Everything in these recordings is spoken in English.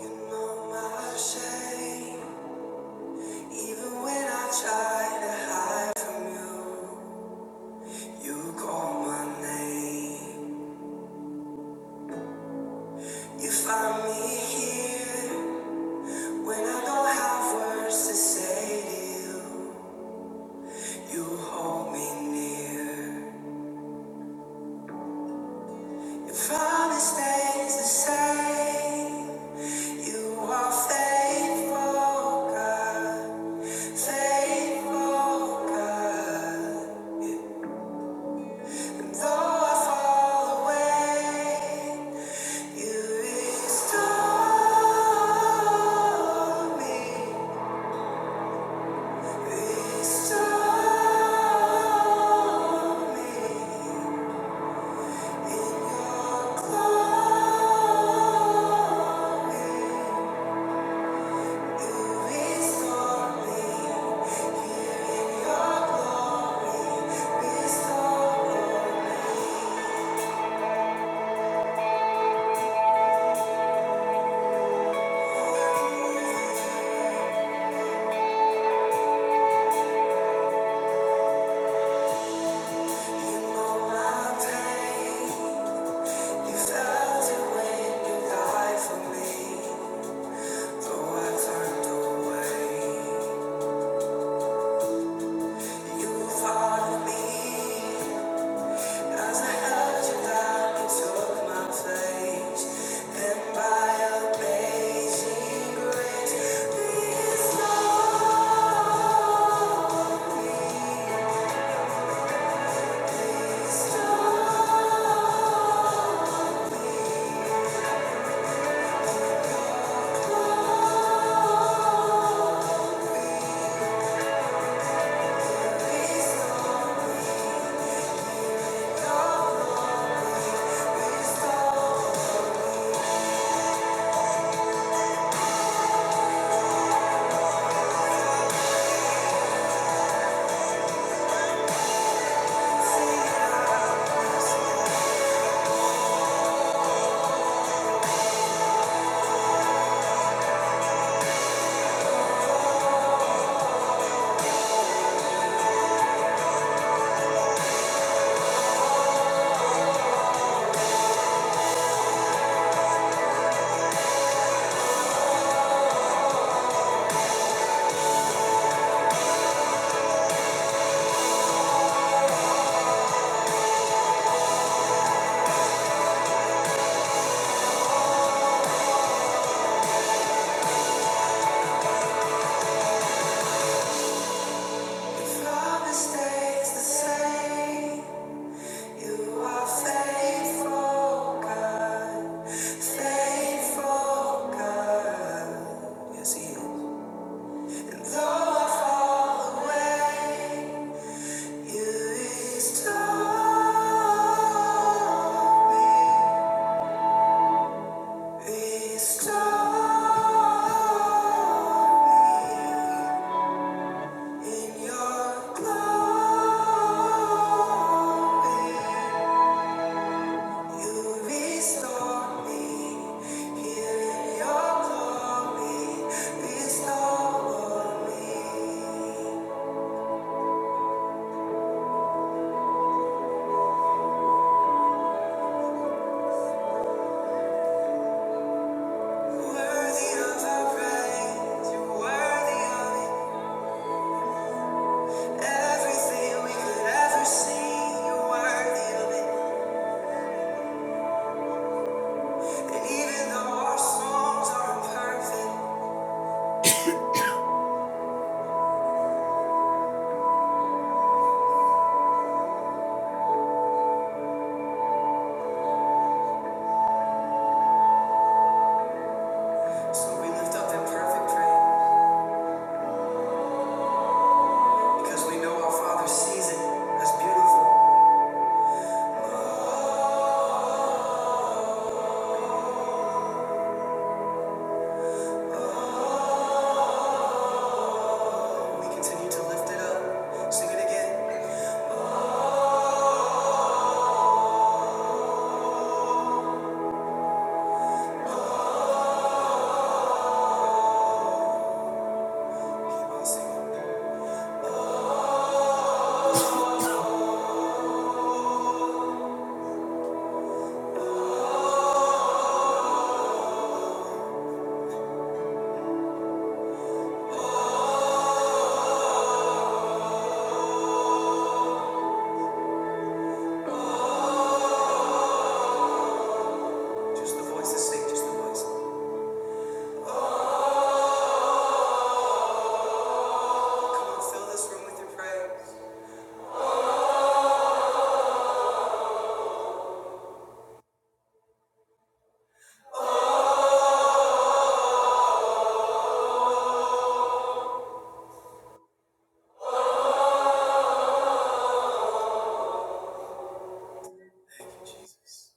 You know my shame, even when I try You call my name. You find me here when I don't have words to say to you. You hold me near. Your promise stays the same. You are faithful, God. Faithful, God. And though I fall away. You restore me, restore me in your glory. You restore me here your glory. Restore me. You know my pain. You tried to win, you died for me, so I turned away. You fought me as I held you down and took my place. Then by amazing grace, restore, restore, restore, restore. If love stays the same. You are faithful, God, faithful God. Yes, He is. And though I fall away, You restore me, restore me in Your glory. You restore me, hear your glory, bestow me. Worthy of our praise, you're worthy of it. Everything we could ever see, you're worthy of it. And even though our songs are imperfect, so we lift up imperfect praise because we know our Father sees it. That's beautiful. We continue to lift it up, sing it again, keep on singing. Just the voices, sing just the voices. Come on, fill this room with your praise. Thank you, Jesus.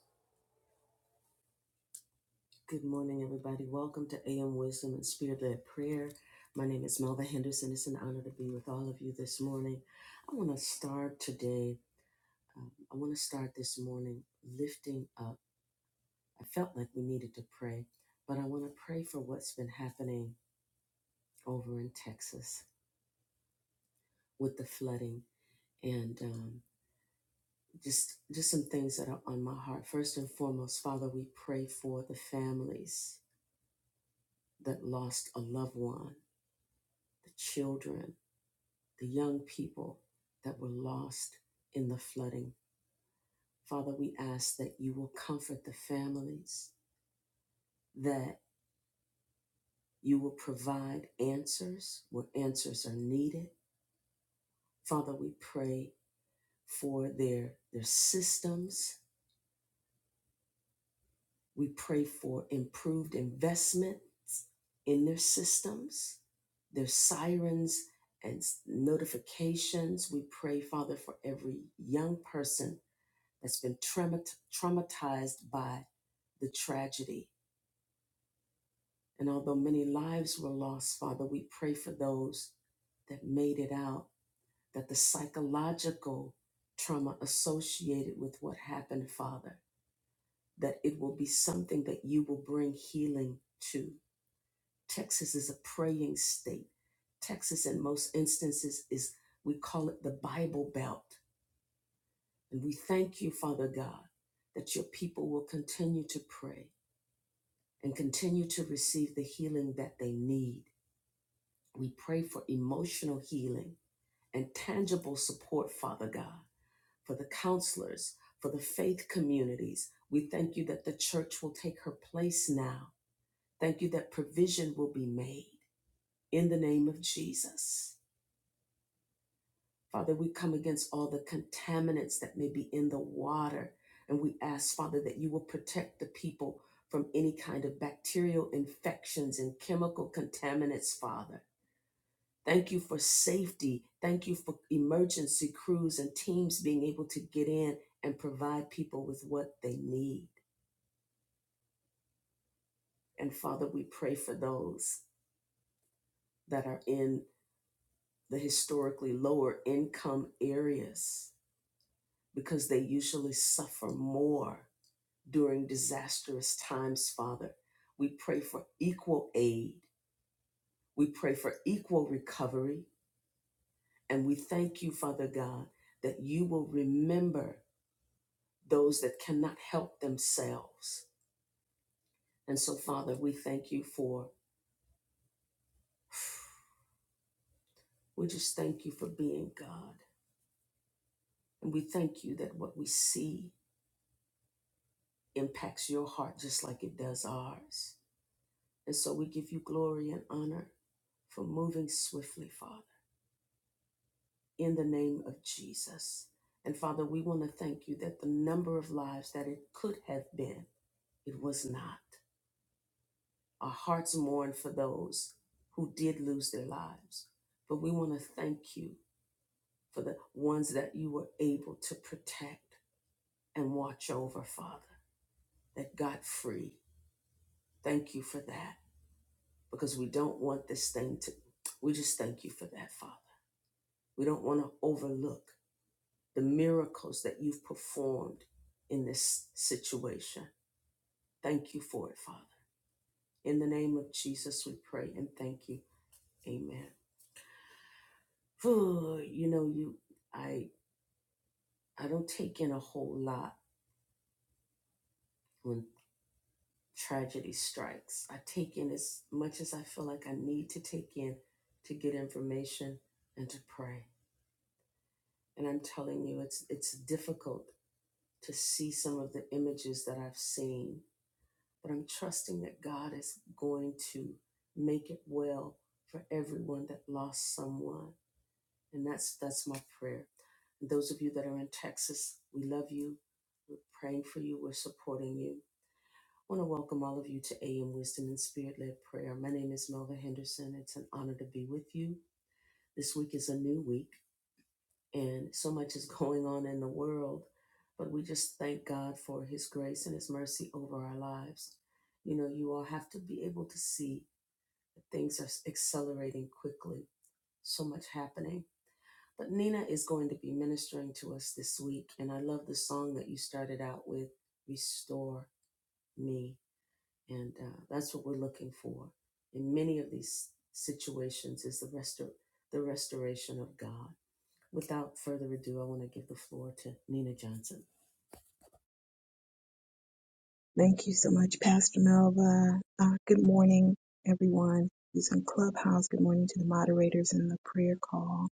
Thank you so much, Pastor Melva. Uh, good morning, everyone who's in Clubhouse. Good morning to the moderators in the prayer call.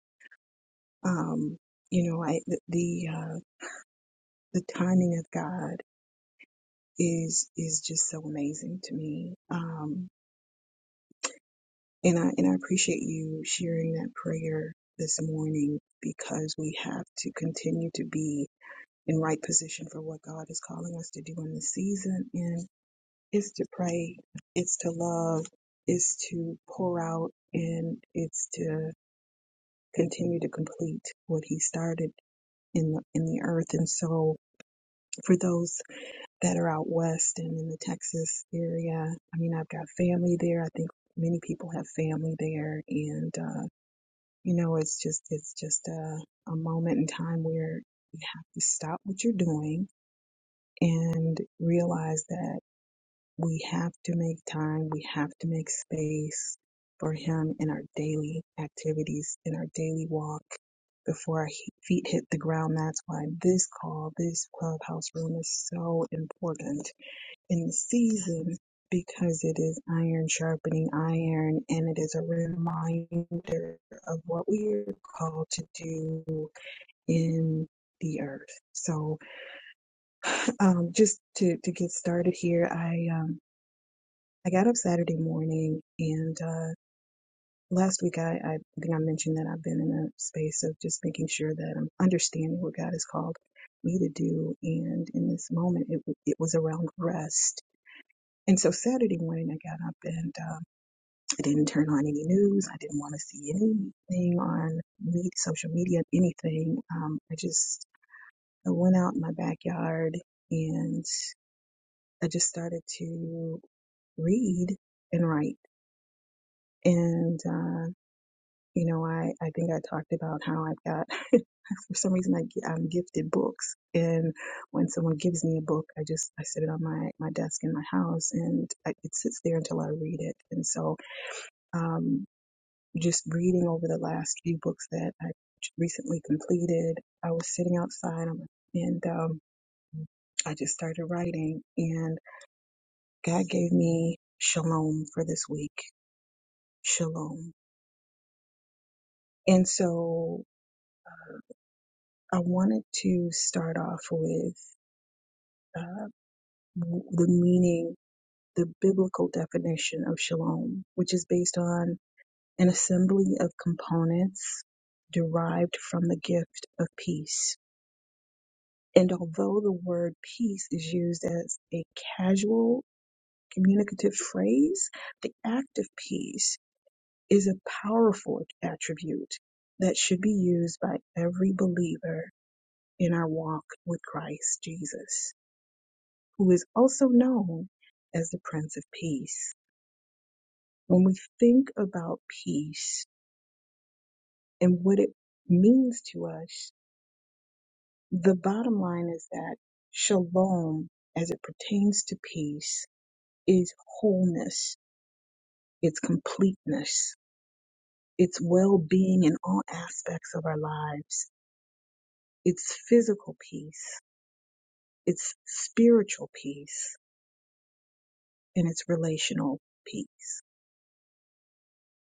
Um, you know, I, the the, uh, the timing of God is is just so amazing to me. Um, and I and I appreciate you sharing that prayer this morning because we have to continue to be in right position for what God is calling us to do in this season. and. It's to pray, it's to love, it's to pour out, and it's to continue to complete what he started in the, in the earth. And so for those that are out west and in the Texas area, I mean, I've got family there. I think many people have family there. And, uh, you know, it's just, it's just a, a moment in time where you have to stop what you're doing and realize that we have to make time, we have to make space for Him in our daily activities, in our daily walk before our he- feet hit the ground. That's why this call, this clubhouse room is so important in the season because it is iron sharpening iron and it is a reminder of what we are called to do in the earth. So, um, just to, to get started here, I. um, I got up Saturday morning, and uh, last week I, I think I mentioned that I've been in a space of just making sure that I'm understanding what God has called me to do. And in this moment, it, w- it was around rest. And so Saturday morning, I got up and um, I didn't turn on any news. I didn't want to see anything on me, social media, anything. Um, I just I went out in my backyard and I just started to read and write. And uh, You know, I, I think I talked about how I've got, for some reason, I, gi- I'm gifted books. And when someone gives me a book, I just, I sit it on my, my desk in my house and I, it sits there until I read it. And so, um, just reading over the last few books that I recently completed, I was sitting outside i and, um, I just started writing and God gave me shalom for this week. Shalom. And so I wanted to start off with uh, w- the meaning, the biblical definition of shalom, which is based on an assembly of components derived from the gift of peace. And although the word peace is used as a casual communicative phrase, the act of peace is a powerful attribute that should be used by every believer in our walk with Christ Jesus. who is also known as the Prince of Peace. When we think about peace and what it means to us, the bottom line is that shalom, as it pertains to peace, is wholeness, it's completeness, it's well being in all aspects of our lives, it's physical peace, it's spiritual peace, and it's relational peace.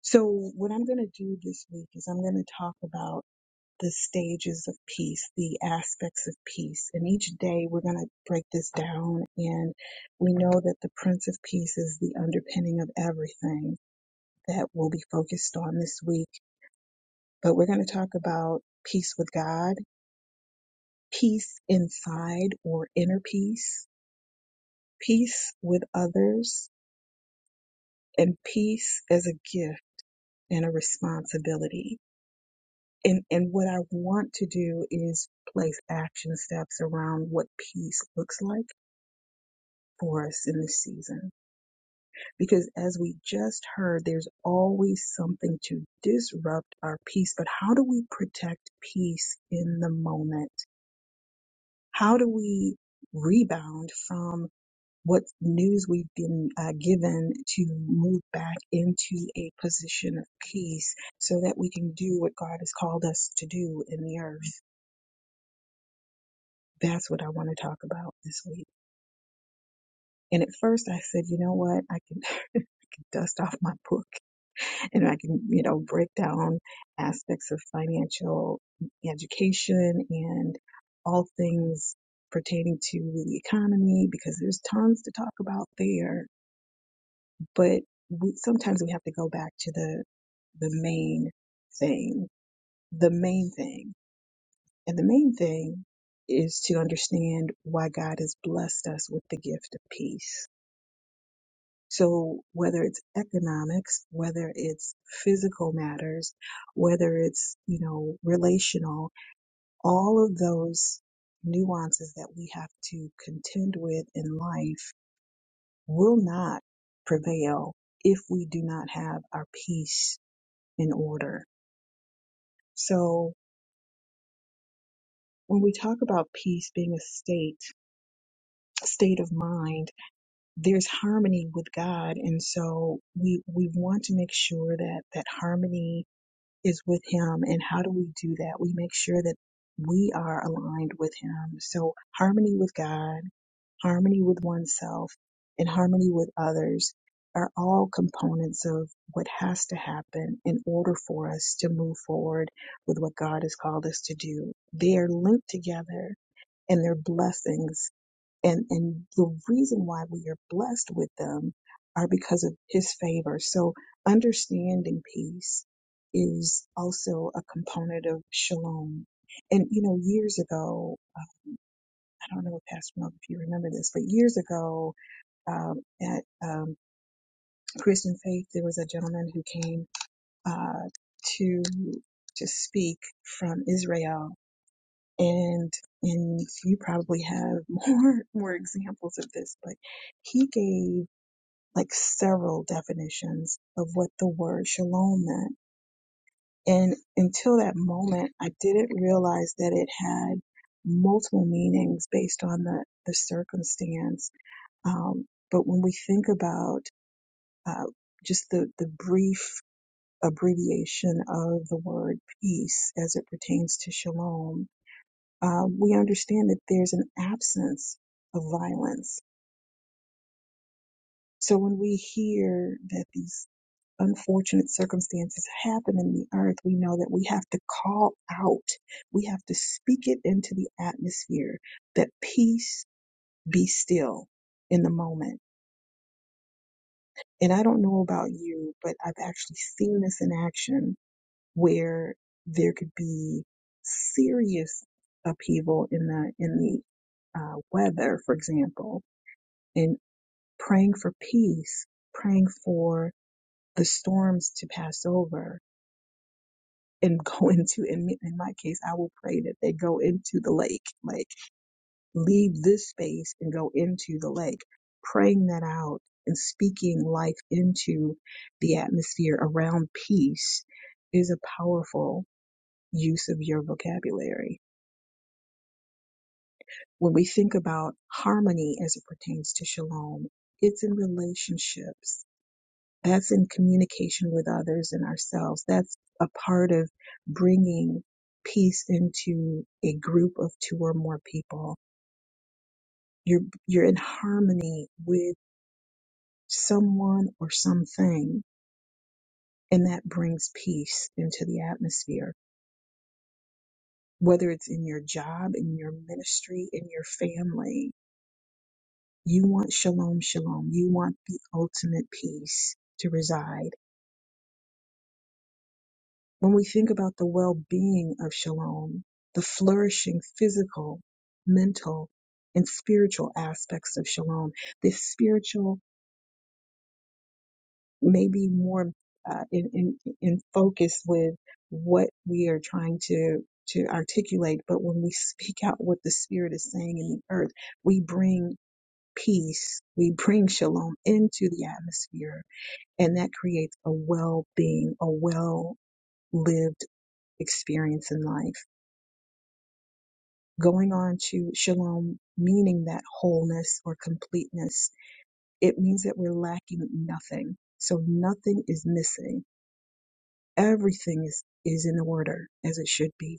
So, what I'm going to do this week is I'm going to talk about the stages of peace, the aspects of peace. And each day we're going to break this down. And we know that the Prince of Peace is the underpinning of everything that we'll be focused on this week. But we're going to talk about peace with God, peace inside or inner peace, peace with others, and peace as a gift and a responsibility. And, and what I want to do is place action steps around what peace looks like for us in this season. Because as we just heard, there's always something to disrupt our peace. But how do we protect peace in the moment? How do we rebound from what news we've been uh, given to move back into a position of peace so that we can do what God has called us to do in the earth? That's what I want to talk about this week. And at first I said, you know what? I can, I can dust off my book and I can, you know, break down aspects of financial education and all things pertaining to the economy because there's tons to talk about there. But we, sometimes we have to go back to the the main thing, the main thing, and the main thing is to understand why God has blessed us with the gift of peace So whether it's economics, whether it's physical matters, whether it's, you know, relational, all of those nuances that we have to contend with in life will not prevail if we do not have our peace in order. So when we talk about peace being a state, state of mind, there's harmony with God. And so we, we want to make sure that that harmony is with Him. And how do we do that? We make sure that we are aligned with Him. So, harmony with God, harmony with oneself, and harmony with others are all components of what has to happen in order for us to move forward with what God has called us to do. They are linked together and they're blessings and and the reason why we are blessed with them are because of his favor so understanding peace is also a component of shalom and you know years ago uh, i don't know pastor Mel, if you remember this but years ago um, at um, christian faith there was a gentleman who came uh, to to speak from israel and and you probably have more more examples of this but he gave like several definitions of what the word shalom meant and until that moment i didn't realize that it had multiple meanings based on the the circumstance um, but when we think about uh, just the the brief abbreviation of the word peace as it pertains to shalom uh, we understand that there's an absence of violence. So when we hear that these unfortunate circumstances happen in the earth, we know that we have to call out, we have to speak it into the atmosphere that peace be still in the moment. And I don't know about you, but I've actually seen this in action where there could be serious upheaval in the in the uh, weather, for example and praying for peace, praying for the storms to pass over and go into, in, me- in my case, I will pray that they go into the lake, like leave this space and go into the lake, praying that out and speaking life into the atmosphere around peace is a powerful use of your vocabulary. When we think about harmony as it pertains to shalom, it's in relationships That's in communication with others and ourselves. That's a part of bringing peace into a group of two or more people. You're, you're in harmony with someone or something, and that brings peace into the atmosphere. Whether it's in your job, in your ministry, in your family, you want shalom, shalom. You want the ultimate peace to reside When we think about the well being of shalom, the flourishing physical, mental, and spiritual aspects of shalom, this spiritual may be more uh, in, in, in focus with what we are trying to, to articulate. But when we speak out what the Spirit is saying in the earth, we bring peace, we bring shalom into the atmosphere, and that creates a well being, a well lived experience in life. going on to shalom meaning that wholeness or completeness it means that we're lacking nothing so nothing is missing everything is is in order as it should be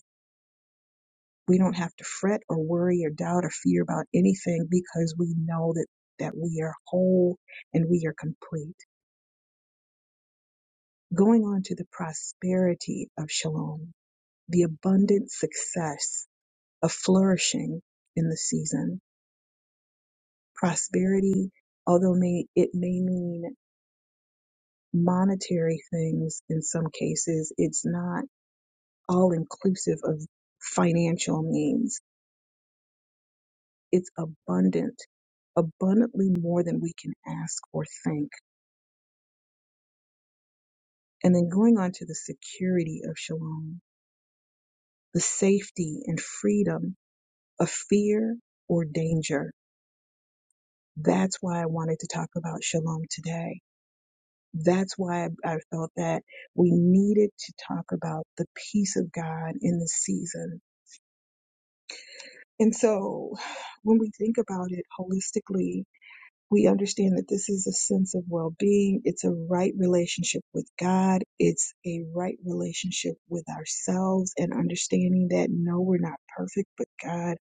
we don't have to fret or worry or doubt or fear about anything because we know that that we are whole and we are complete going on to the prosperity of shalom the abundant success of flourishing in the season prosperity, although may it may mean monetary things in some cases, it's not all inclusive of financial means. It's abundant, abundantly more than we can ask or think. And then going on to the security of shalom, the safety and freedom of fear or danger. That's why I wanted to talk about shalom today that's why I, I felt that we needed to talk about the peace of God in this season. And so when we think about it holistically, we understand that this is a sense of well being. It's a right relationship with God. It's a right relationship with ourselves and understanding that no, we're not perfect, but God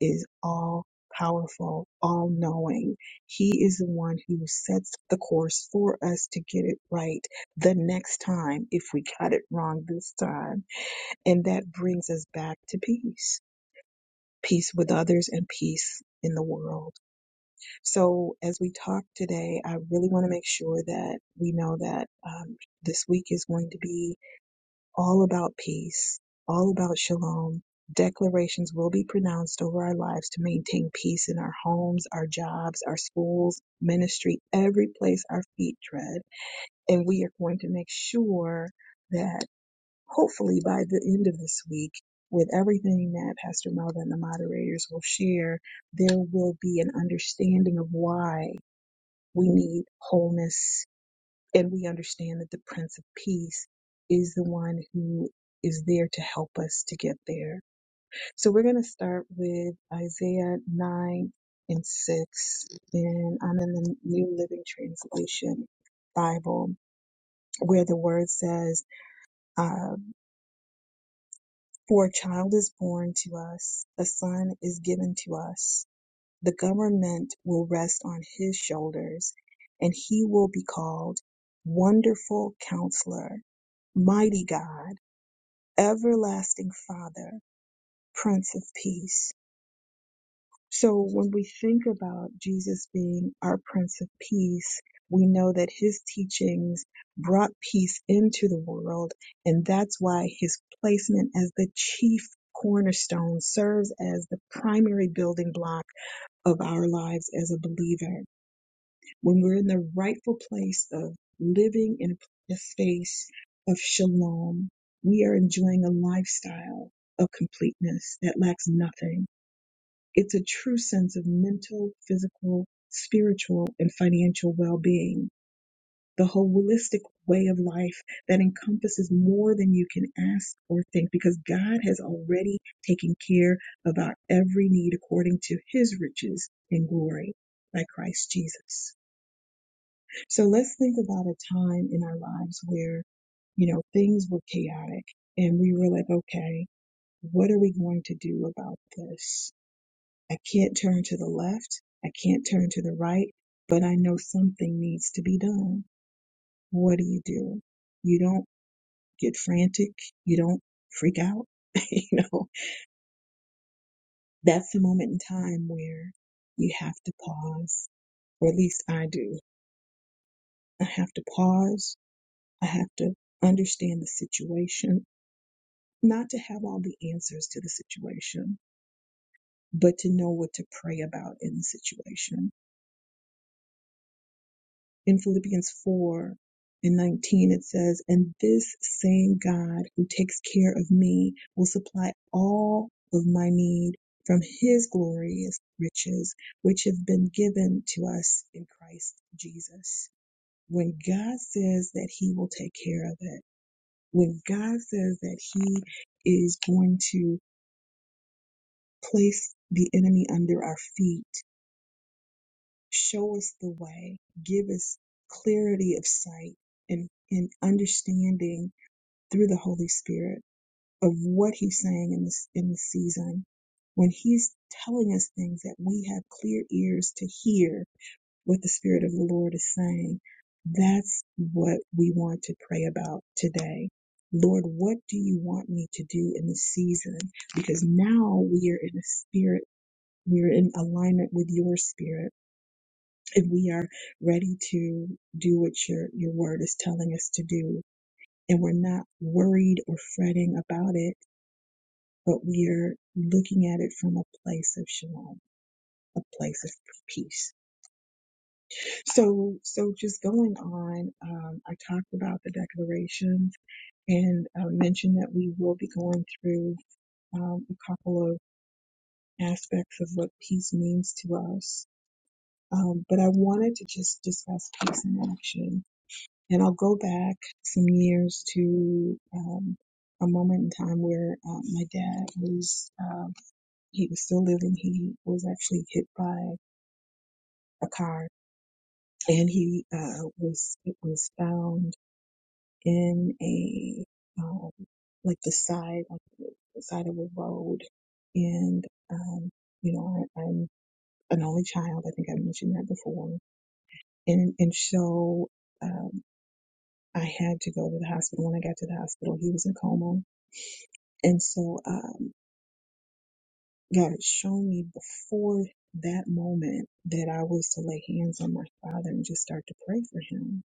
is all powerful, all knowing. He is the one who sets the course for us to get it right the next time if we got it wrong this time. And that brings us back to peace peace with others and peace in the world. So, as we talk today, I really want to make sure that we know that um, this week is going to be all about peace, all about shalom. Declarations will be pronounced over our lives to maintain peace in our homes, our jobs, our schools, ministry, every place our feet tread. And we are going to make sure that hopefully by the end of this week, with everything that Pastor Melvin and the moderators will share, there will be an understanding of why. We need wholeness, and we understand that the Prince of Peace is the one who is there to help us to get there. So we're going to start with Isaiah 9 and 6, and I'm in the New Living Translation Bible, where the word says, uh, For a child is born to us, a son is given to us The government will rest on his shoulders, and he will be called Wonderful Counselor, Mighty God, Everlasting Father, Prince of Peace. So when we think about Jesus being our Prince of Peace, we know that his teachings brought peace into the world, and that's why his placement as the chief cornerstone serves as the primary building block of our lives as a believer. when we're in the rightful place of living in a space of shalom, we are enjoying a lifestyle of completeness that lacks nothing. It's a true sense of mental, physical, spiritual, and financial well being. The holistic way of life that encompasses more than you can ask or think because God has already taken care of our every need according to his riches in glory by Christ Jesus. So let's think about a time in our lives where, you know, things were chaotic and we were like, okay, what are we going to do about this? I can't turn to the left. I can't turn to the right, but I know something needs to be done. What do you do? You don't get frantic. You don't freak out. you know, that's the moment in time where you have to pause, or at least I do. I have to pause. I have to understand the situation not to have all the answers to the situation, but to know what to pray about in the situation. In Philippians 4 and 19, it says, And this same God who takes care of me will supply all of my need from his glorious riches, which have been given to us in Christ Jesus. When God says that he will take care of it, when God says that he is going to Place the enemy under our feet. Show us the way. Give us clarity of sight and, and understanding through the Holy Spirit of what He's saying in this in this season. When He's telling us things that we have clear ears to hear what the Spirit of the Lord is saying, that's what we want to pray about today. Lord, what do you want me to do in this season? Because now we are in a spirit we're in alignment with your spirit and we are ready to do what your, your word is telling us to do. And we're not worried or fretting about it, but we are looking at it from a place of shalom, a place of peace. So, so just going on, um, I talked about the declaration and uh, mentioned that we will be going through um, a couple of aspects of what peace means to us Um, but I wanted to just discuss peace in action. And I'll go back some years to um, a moment in time where uh, my dad was, um, he was still living. He was actually hit by a car and he uh, was, it was found in a, um, like the side, like the side of a road. And, um, you know, I, I'm an only child. I think I mentioned that before. And, and so, um, I had to go to the hospital. When I got to the hospital, he was in a coma. And so, um, God had shown me before that moment that I was to lay hands on my father and just start to pray for him.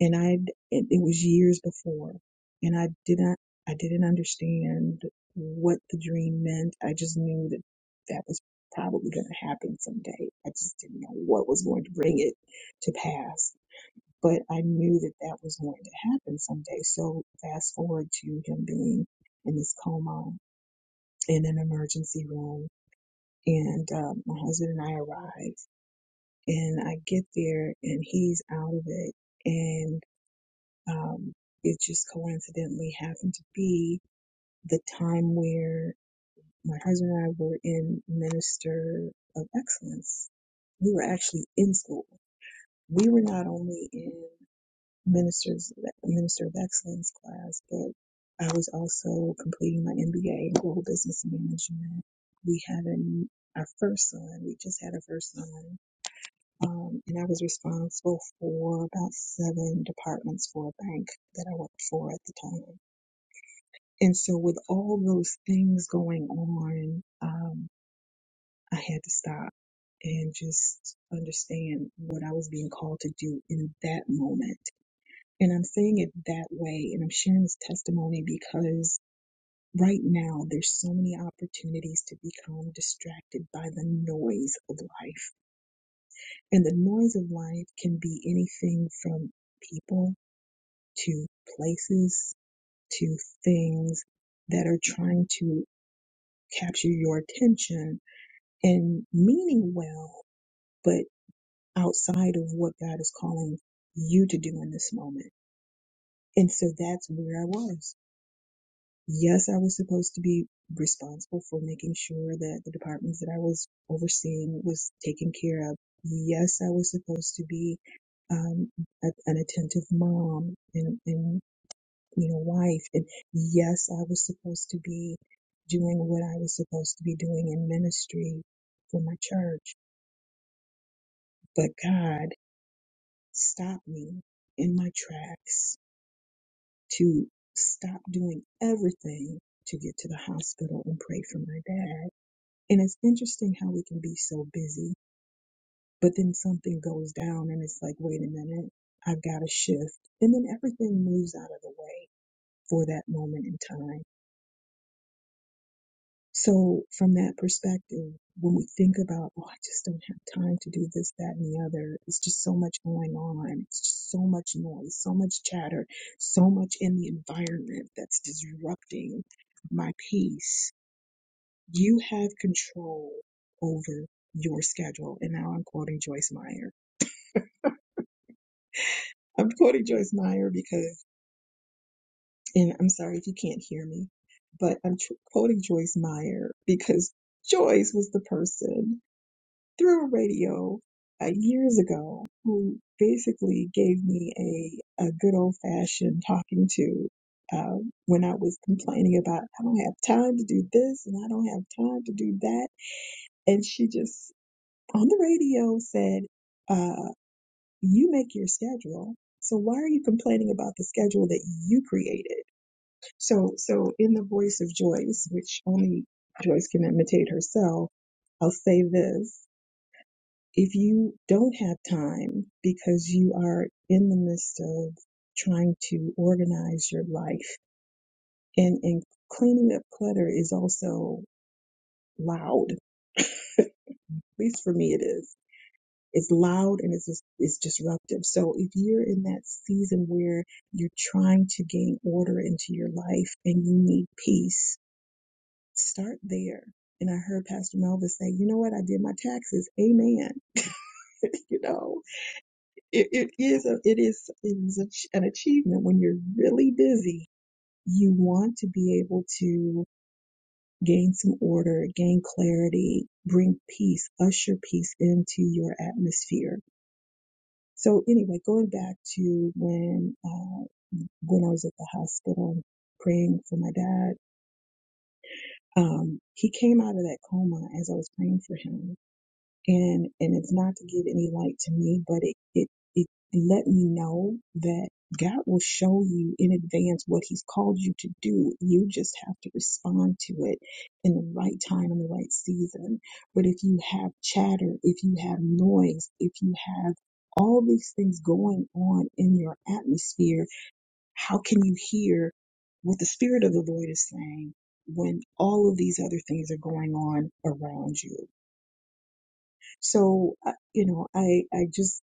And I, it, it was years before, and I did not, I didn't understand what the dream meant. I just knew that that was probably going to happen someday. I just didn't know what was going to bring it to pass but I knew that that was going to happen someday. So fast forward to him being in this coma in an emergency room, and um, my husband and I arrive, and I get there, and he's out of it, and um, it just coincidentally happened to be the time where my husband and I were in Minister of Excellence. We were actually in school. We were not only in ministers minister of excellence class, but I was also completing my MBA in global business management. We had an, our first son. We just had our first son, um, and I was responsible for about seven departments for a bank that I worked for at the time. And so, with all those things going on, um, I had to stop and just understand what I was being called to do in that moment and I'm saying it that way, and I'm sharing this testimony because right now there's so many opportunities to become distracted by the noise of life. And the noise of life can be anything from people to places to things that are trying to capture your attention and meaning well, but outside of what God is calling you to do in this moment. And so that's where I was. Yes, I was supposed to be responsible for making sure that the departments that I was overseeing was taken care of. Yes, I was supposed to be um, a, an attentive mom and, and you know wife and yes i was supposed to be doing what i was supposed to be doing in ministry for my church but god stopped me in my tracks to stop doing everything to get to the hospital and pray for my dad And it's interesting how we can be so busy, but then something goes down and it's like, wait a minute, I've got to shift. And then everything moves out of the way for that moment in time. So, from that perspective, when we think about, oh, I just don't have time to do this, that, and the other, it's just so much going on. It's just so much noise, so much chatter, so much in the environment that's disrupting my peace You have control over your schedule. And now I'm quoting Joyce Meyer. I'm quoting Joyce Meyer because, and I'm sorry if you can't hear me, but I'm tr- quoting Joyce Meyer because Joyce was the person through radio uh, years ago who basically gave me a, a good old fashioned talking to uh, when I was complaining about I don't have time to do this and I don't have time to do that. And she just on the radio said, uh, you make your schedule. So why are you complaining about the schedule that you created? So, so in the voice of Joyce, which only Joyce can imitate herself, I'll say this. If you don't have time because you are in the midst of trying to organize your life and, and cleaning up clutter is also loud, at least for me it is It's loud and it's just, it's disruptive. So if you're in that season where you're trying to gain order into your life and you need peace, start there. And I heard Pastor Melva say, "You know what? I did my taxes. Amen." you know, it, it is a, it is it is a, an achievement when you're really busy. You want to be able to gain some order, gain clarity, bring peace, usher peace into your atmosphere So anyway, going back to when uh, when I was at the hospital praying for my dad, um, he came out of that coma as I was praying for him, and and it's not to give any light to me but it it it let me know that god will show you in advance what he's called you to do you just have to respond to it in the right time in the right season but if you have chatter if you have noise if you have all these things going on in your atmosphere how can you hear what the spirit of the lord is saying when all of these other things are going on around you so, I- you know, I, I just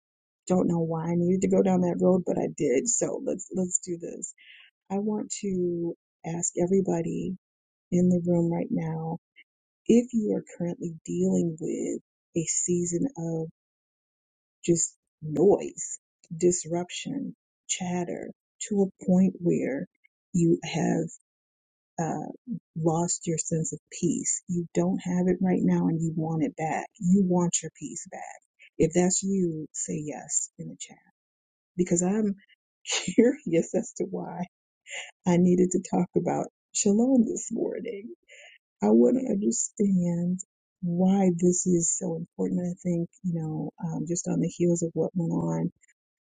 don't know why I needed to go down that road, but I did. So let's, let's do this. I want to ask everybody in the room right now, if you are currently dealing with a season of just noise, disruption, chatter to a point where you have uh, lost your sense of peace. You don't have it right now and you want it back. You want your peace back. If that's you, say yes in the chat because I'm curious as to why I needed to talk about shalom this morning. I wouldn't understand why this is so important. I think, you know, um, just on the heels of what went on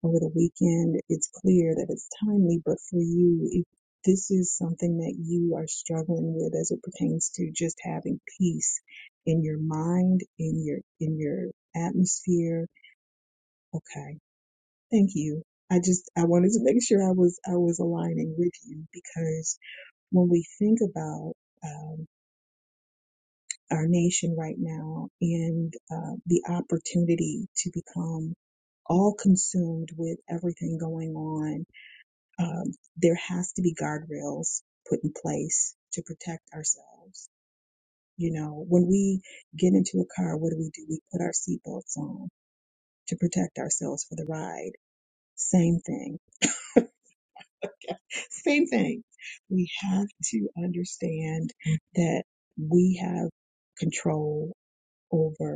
over the weekend, it's clear that it's timely, but for you, if this is something that you are struggling with as it pertains to just having peace in your mind, in your, in your atmosphere, okay. Thank you. I just, I wanted to make sure I was, I was aligning with you because when we think about um, our nation right now and uh, the opportunity to become all consumed with everything going on, um, there has to be guardrails put in place to protect ourselves. You know, when we get into a car, what do we do? We put our seatbelts on to protect ourselves for the ride. Same thing. Same thing. We have to understand that we have control over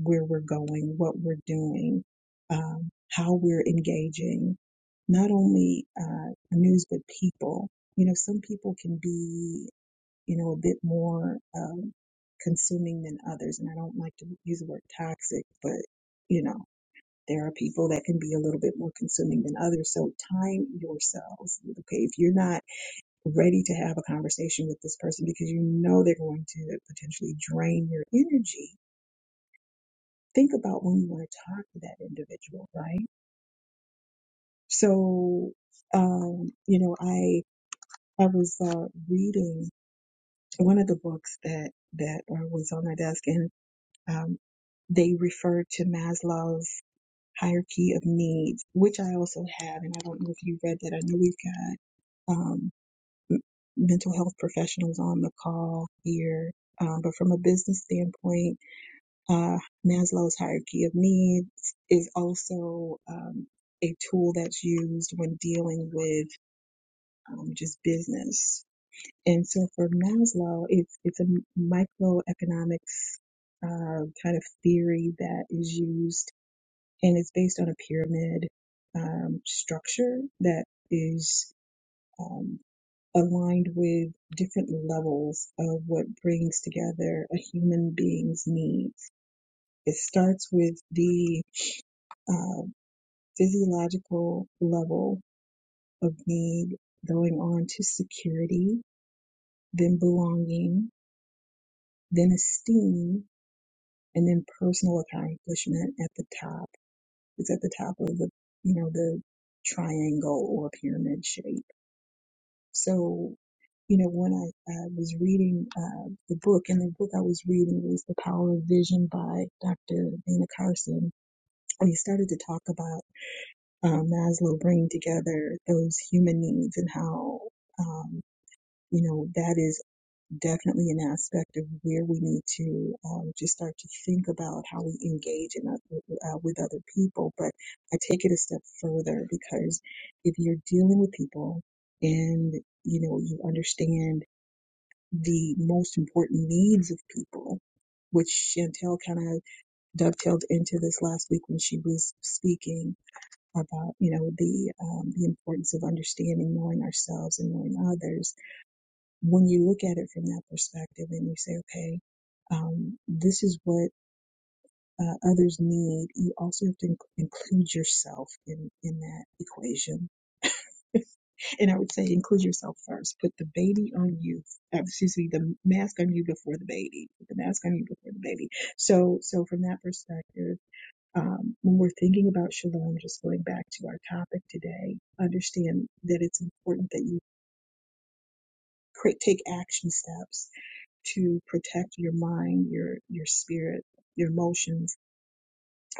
where we're going, what we're doing, um, how we're engaging not only uh, news but people. You know, some people can be, you know, a bit more um, consuming than others, and I don't like to use the word toxic, but you know, there are people that can be a little bit more consuming than others. So time yourselves. Okay, if you're not ready to have a conversation with this person because you know they're going to potentially drain your energy think about when you want to talk to that individual, right? So, um, you know, I I was uh, reading one of the books that that uh, was on my desk, and um, they referred to Maslow's hierarchy of needs, which I also have, and I don't know if you read that. I know we've got um, m- mental health professionals on the call here, um, but from a business standpoint. Uh, Maslow's hierarchy of needs is also um, a tool that's used when dealing with um, just business. And so for Maslow, it's it's a microeconomics uh, kind of theory that is used, and it's based on a pyramid um, structure that is um, aligned with different levels of what brings together a human being's needs. It starts with the uh, physiological level of need going on to security, then belonging, then esteem, and then personal accomplishment at the top. It's at the top of the, you know, the triangle or pyramid shape. So, you know, when I uh, was reading uh, the book, and the book I was reading was The Power of Vision by Dr. Dana Carson, and he started to talk about uh, Maslow bringing together those human needs and how, um, you know, that is definitely an aspect of where we need to um, just start to think about how we engage in, uh, with other people. But I take it a step further because if you're dealing with people and, you know, you understand the most important needs of people, which Chantel kind of dovetailed into this last week when she was speaking about you know the um, the importance of understanding knowing ourselves and knowing others when you look at it from that perspective and you say okay um, this is what uh, others need you also have to inc- include yourself in in that equation and i would say include yourself first put the baby on you uh, excuse me the mask on you before the baby put the mask on you before the baby so so from that perspective um, when we're thinking about shalom, just going back to our topic today, understand that it's important that you cre- take action steps to protect your mind, your your spirit, your emotions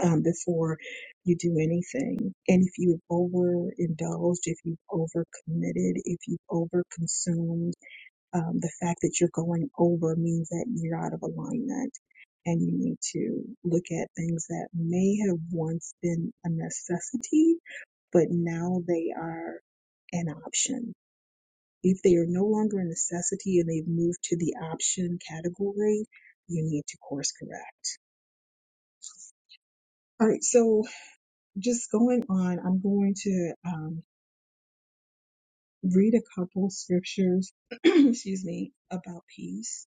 um, before you do anything. And if you've overindulged, if you've overcommitted, if you've overconsumed, um, the fact that you're going over means that you're out of alignment and you need to look at things that may have once been a necessity, but now they are an option. If they are no longer a necessity and they've moved to the option category, you need to course correct. All right, so just going on, I'm going to um, read a couple scriptures, excuse me, about peace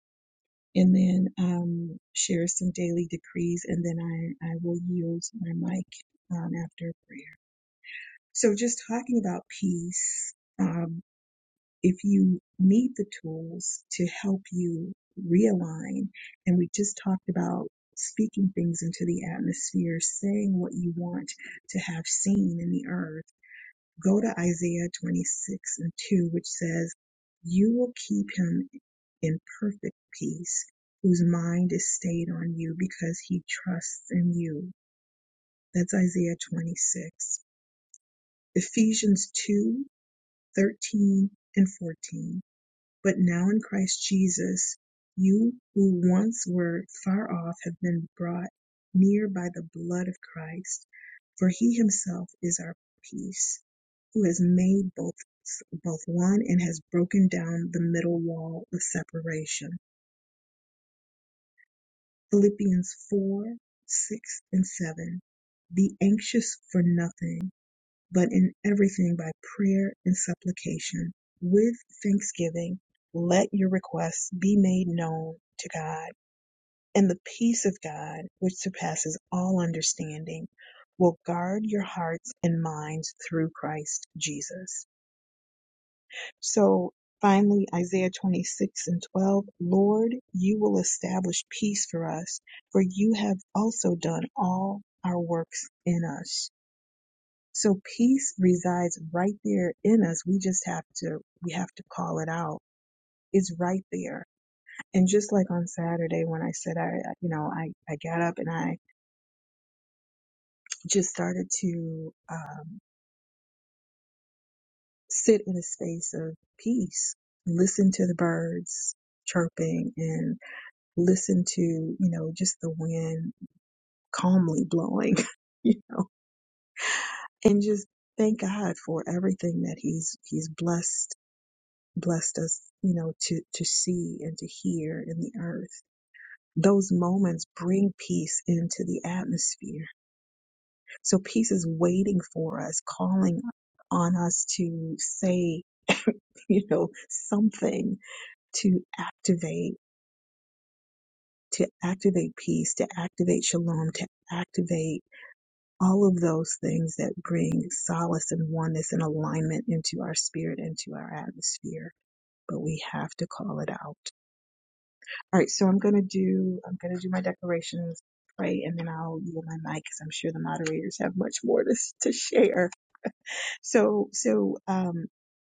and then um, share some daily decrees, and then I, I will yield my mic um, after prayer. So, just talking about peace, um, if you need the tools to help you realign, and we just talked about speaking things into the atmosphere, saying what you want to have seen in the earth Go to Isaiah 26 and 2, which says, You will keep him in perfect peace, whose mind is stayed on you because he trusts in you. That's Isaiah 26. Ephesians 2:13 and 14. But now in Christ Jesus, you who once were far off have been brought near by the blood of Christ. For he himself is our peace, who has made both, both one and has broken down the middle wall of separation. Philippians 4 6 and 7. Be anxious for nothing but in everything by prayer and supplication with thanksgiving let your requests be made known to God and the peace of God which surpasses all understanding will guard your hearts and minds through Christ Jesus so finally Isaiah 26 and 12 Lord you will establish peace for us for you have also done all our works in us so peace resides right there in us. We just have to we have to call it out. It's right there. And just like on Saturday when I said I you know I I got up and I just started to um, sit in a space of peace, listen to the birds chirping and listen to you know just the wind calmly blowing, you know, and just thank God for everything that He's He's blessed blessed us, you know, to, to see and to hear in the earth. Those moments bring peace into the atmosphere. So peace is waiting for us, calling on us to say, you know, something to activate, to activate peace, to activate shalom, to activate all of those things that bring solace and oneness and alignment into our spirit, into our atmosphere. But we have to call it out All right, so I'm gonna do I'm gonna do my declarations, pray, and then I'll yield my mic because I'm sure the moderators have much more to to share. So so um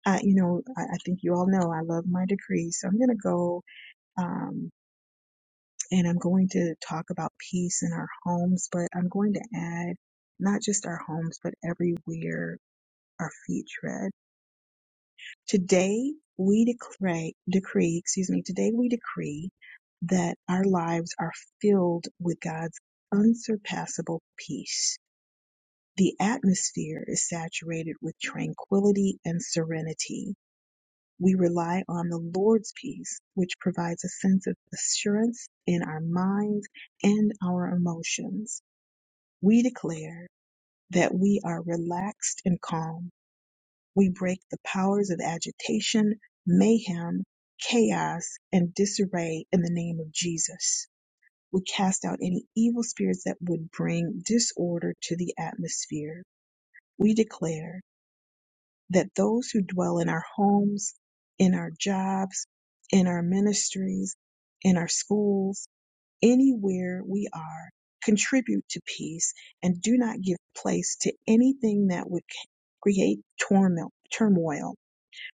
I you know I, I think you all know I love my decrees, so I'm gonna go um and I'm going to talk about peace in our homes, but I'm going to add not just our homes but everywhere our feet tread. Today we decree, decree, excuse me, today we decree that our lives are filled with God's unsurpassable peace. The atmosphere is saturated with tranquility and serenity. We rely on the Lord's peace, which provides a sense of assurance in our minds and our emotions. We declare that we are relaxed and calm we break the powers of agitation, mayhem, chaos, and disarray in the name of Jesus. We cast out any evil spirits that would bring disorder to the atmosphere. We declare that those who dwell in our homes, in our jobs, in our ministries, in our schools, anywhere we are, contribute to peace and do not give place to anything that would create turmoil,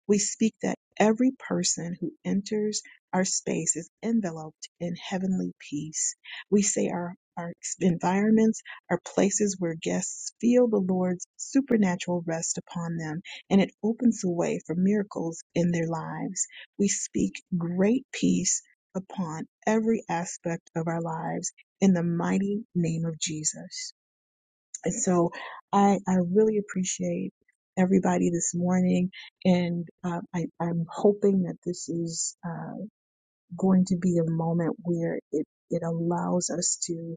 we speak that every person who enters our space is enveloped in heavenly peace. We say our our environments are places where guests feel the Lord's supernatural rest upon them, and it opens the way for miracles in their lives. We speak great peace upon every aspect of our lives in the mighty name of Jesus. And so I, I really appreciate everybody this morning. And uh, I, I'm hoping that this is uh, going to be a moment where it, it allows us to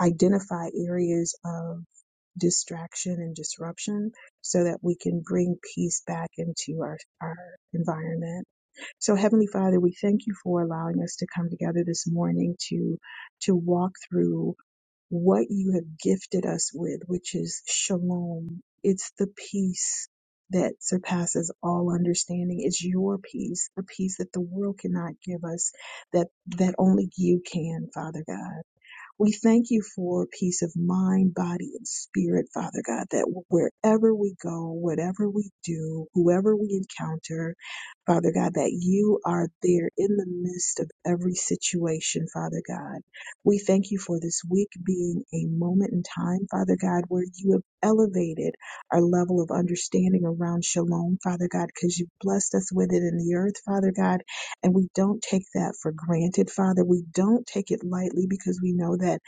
identify areas of distraction and disruption so that we can bring peace back into our, our environment. So Heavenly Father, we thank you for allowing us to come together this morning to, to walk through what you have gifted us with, which is shalom. It's the peace that surpasses all understanding. It's your peace, the peace that the world cannot give us, that, that only you can, Father God. We thank you for peace of mind, body, and spirit, Father God, that wherever we go, whatever we do, whoever we encounter, Father God, that you are there in the midst of every situation, Father God. We thank you for this week being a moment in time, Father God, where you have elevated our level of understanding around shalom, Father God, because you blessed us with it in the earth, Father God and we don't take that for granted, Father. We don't take it lightly because we know that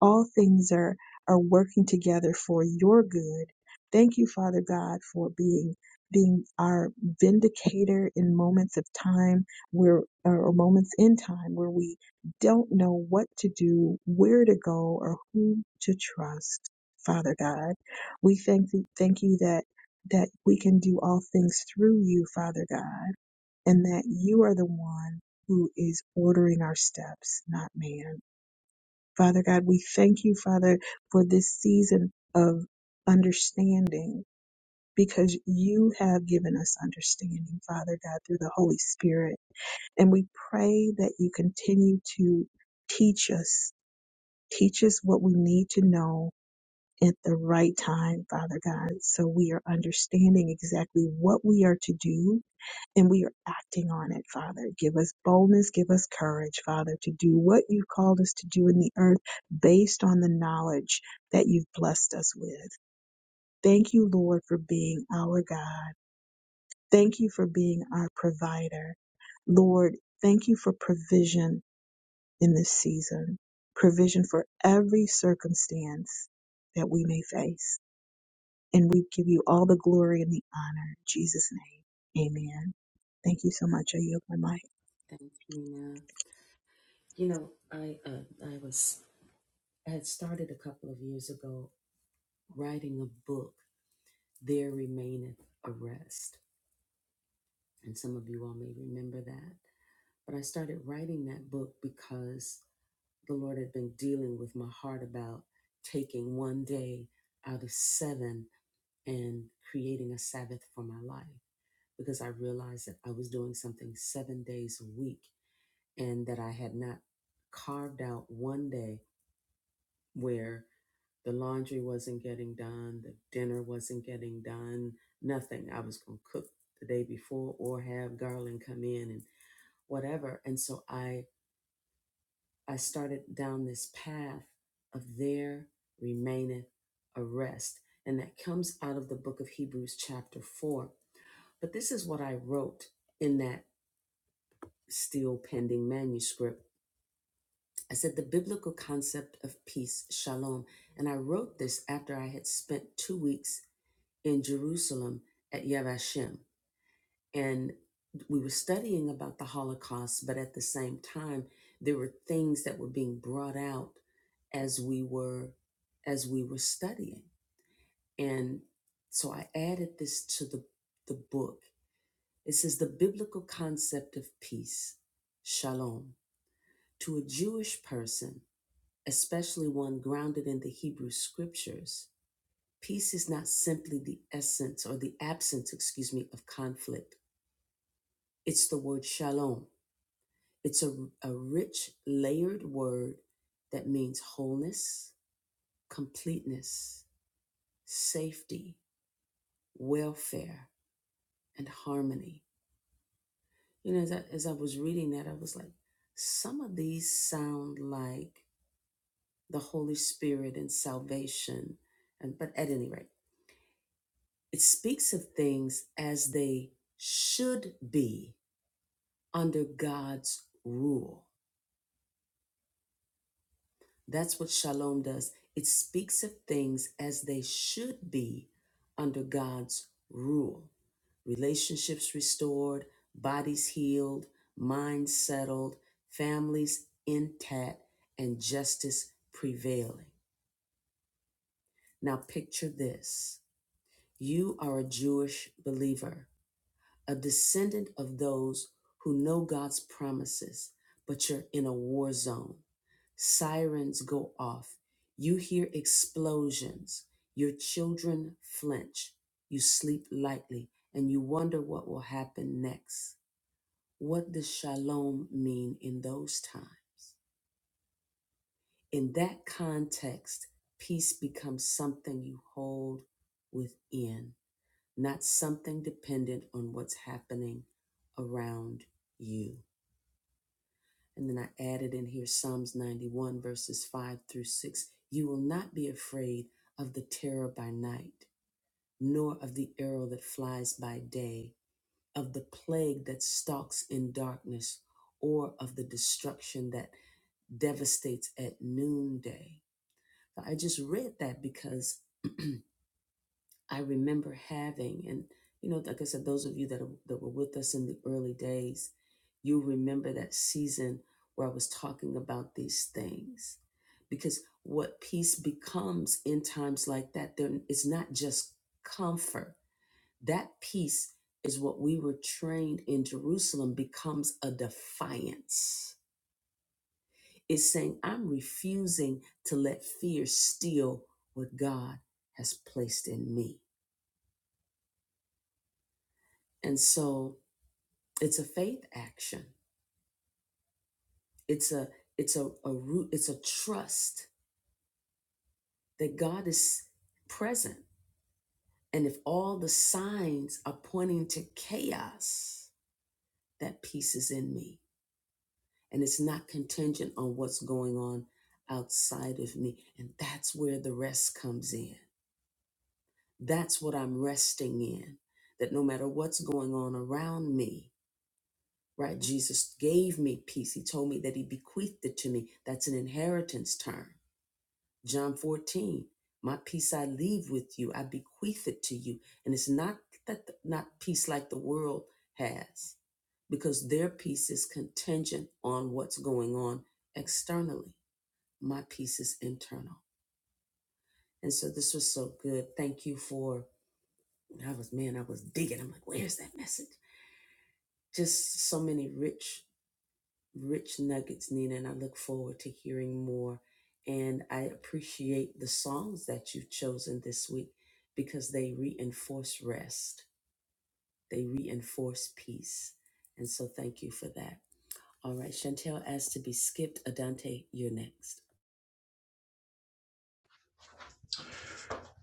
all things are are working together for your good. Thank you, Father God, for being being our vindicator in moments of time where or moments in time where we don't know what to do, where to go, or who to trust. Father God, we thank you, thank you that that we can do all things through you, Father God and that you are the one who is ordering our steps, not man. Father God, we thank you, Father, for this season of understanding because you have given us understanding, Father God, through the Holy Spirit. And we pray that you continue to teach us, teach us what we need to know at the right time, Father God, so we are understanding exactly what we are to do and we are acting on it, Father. Give us boldness, give us courage, Father, to do what you've called us to do in the earth based on the knowledge that you've blessed us with. Thank you, Lord, for being our God. Thank you for being our provider. Lord, thank you for provision in this season, provision for every circumstance that we may face. And we give you all the glory and the honor. In Jesus' name, amen. Thank you so much. I yield my mic.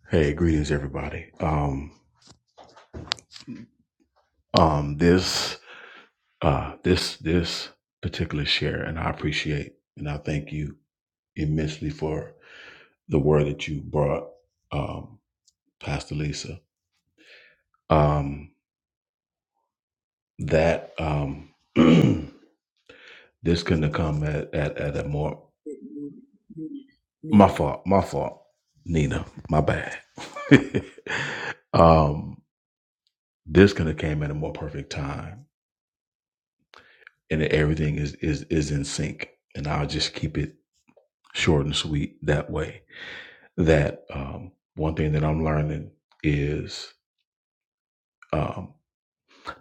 Hey, greetings, everybody. Um, um, this, uh, this, this particular share, and I appreciate and I thank you immensely for the word that you brought, um, Pastor Lisa. Um, that, um, this couldn't have come at, at, at a more, my fault, my fault, Nina, my bad. um, this could have came at a more perfect time, and everything is is is in sync. And I'll just keep it. short and sweet that way. That um, one thing that I'm learning is um,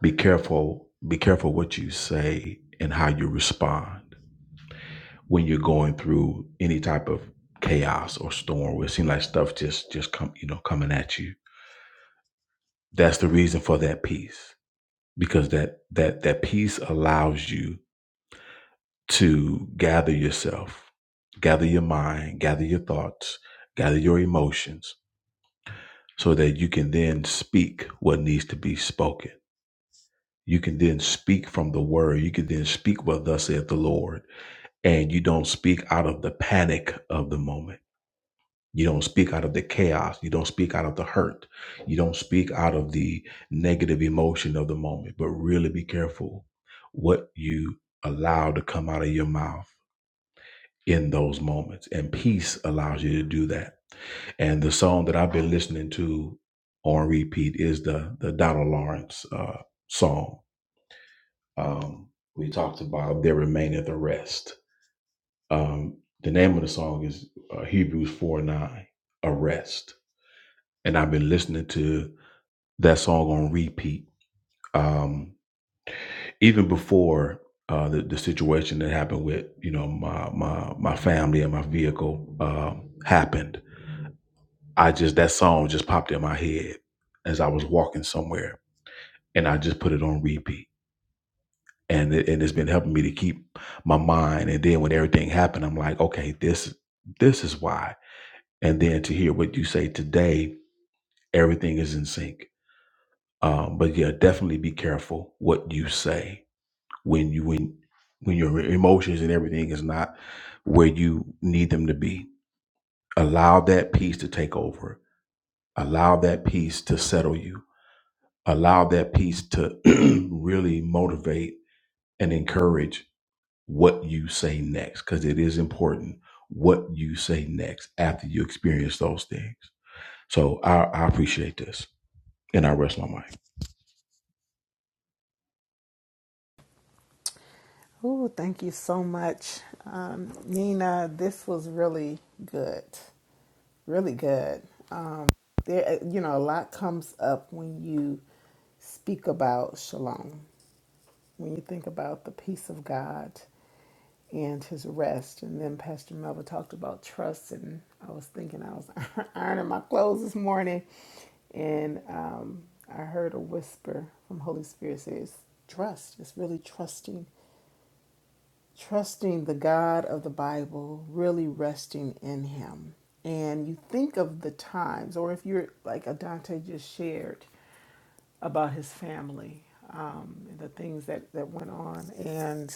be careful, be careful what you say and how you respond when you're going through any type of chaos or storm where it seems like stuff just just come you know coming at you. That's the reason for that peace because that that that peace allows you to gather yourself, gather your mind, gather your thoughts, gather your emotions so that you can then speak what needs to be spoken. You can then speak from the word. You can then speak what thus saith the Lord. And you don't speak out of the panic of the moment. You don't speak out of the chaos. You don't speak out of the hurt. You don't speak out of the negative emotion of the moment. But really be careful what you allow to come out of your mouth in those moments. And peace allows you to do that And the song that I've been listening to on repeat is the the Donald Lawrence uh, song. Um, we talked about "There Remaineth a Rest." Um, the name of the song is uh, Hebrews four nine, a rest. And I've been listening to that song on repeat, um, even before uh, the the situation that happened with you know my my my family and my vehicle um, happened. I just that song just popped in my head as I was walking somewhere and I just put it on repeat. And it, and it's been helping me to keep my mind. And then when everything happened, I'm like, okay, this this is why. And then to hear what you say today, everything is in sync. Um, but yeah, definitely be careful what you say when you when when your emotions and everything is not where you need them to be. Allow that peace to take over. Allow that peace to settle you. Allow that peace to really motivate and encourage what you say next because it is important what you say next after you experience those things. So I, I appreciate this and I rest my mind. Oh, thank you so much, um, Nina. This was really good, really good. Um, there, uh, you know, a lot comes up when you speak about shalom. When you think about the peace of God and His rest, and then Pastor Melva talked about trust, and I was thinking I was ironing my clothes this morning, and um, I heard a whisper from Holy Spirit says, "Trust. It's really trusting." trusting the God of the Bible, really resting in Him. And you think of the times, or if you're like Adante just shared about his family, um, and the things that, that went on, and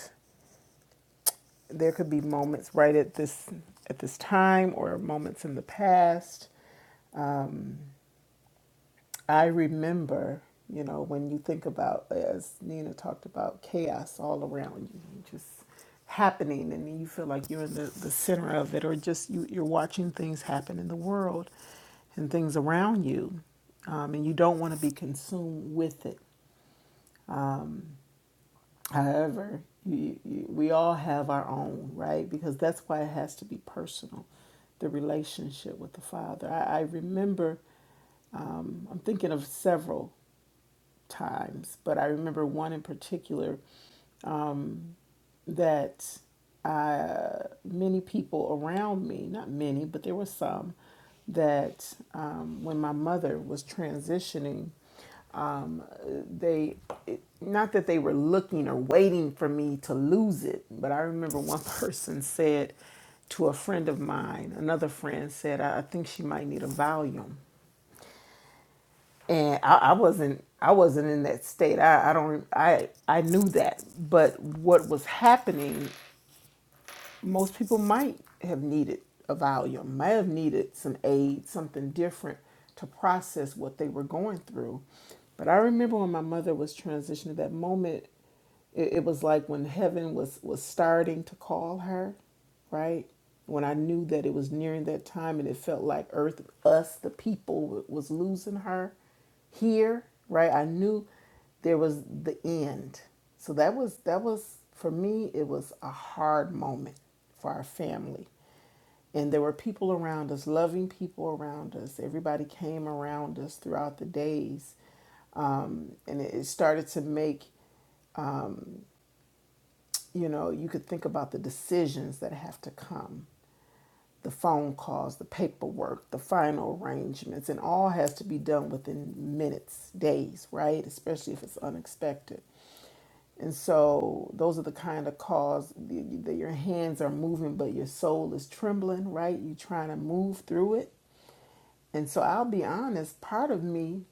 there could be moments right at this at this time, or moments in the past I remember, you know, when you think about, as Nina talked about, chaos all around you, just happening, and you feel like you're in the, the center of it, or just you, you're watching things happen in the world and things around you, um, and you don't want to be consumed with it. However, you, you, we all have our own, right? Because that's why it has to be personal the relationship with the Father. I, I remember, um, I'm thinking of several times, but I remember one in particular that uh, many people around me, not many, but there were some, that um, when my mother was transitioning, um, they, it, not that they were looking or waiting for me to lose it, but I remember one person said to a friend of mine, another friend said, I, I think she might need a volume. and I, I wasn't I wasn't in that state. I, I don't I I knew that, but what was happening most people might have needed a volume, might have needed some aid, something different to process what they were going through. But I remember when my mother was transitioning, that moment, it, it was like when heaven was was starting to call her, right? When I knew that it was nearing that time, and it felt like Earth, us, the people, was losing her here, right? I knew there was the end. So that was that was for me it was a hard moment for our family. And there were people around us, loving people around us. Everybody came around us throughout the days. Um, and it it started to make, you know, you could think about the decisions that have to come the phone calls, the paperwork, the final arrangements, and all has to be done within minutes, days, right? Especially if it's unexpected. And so those are the kind of calls that that your hands are moving, but your soul is trembling, right? You're trying to move through it. And so I'll be honest, part of me,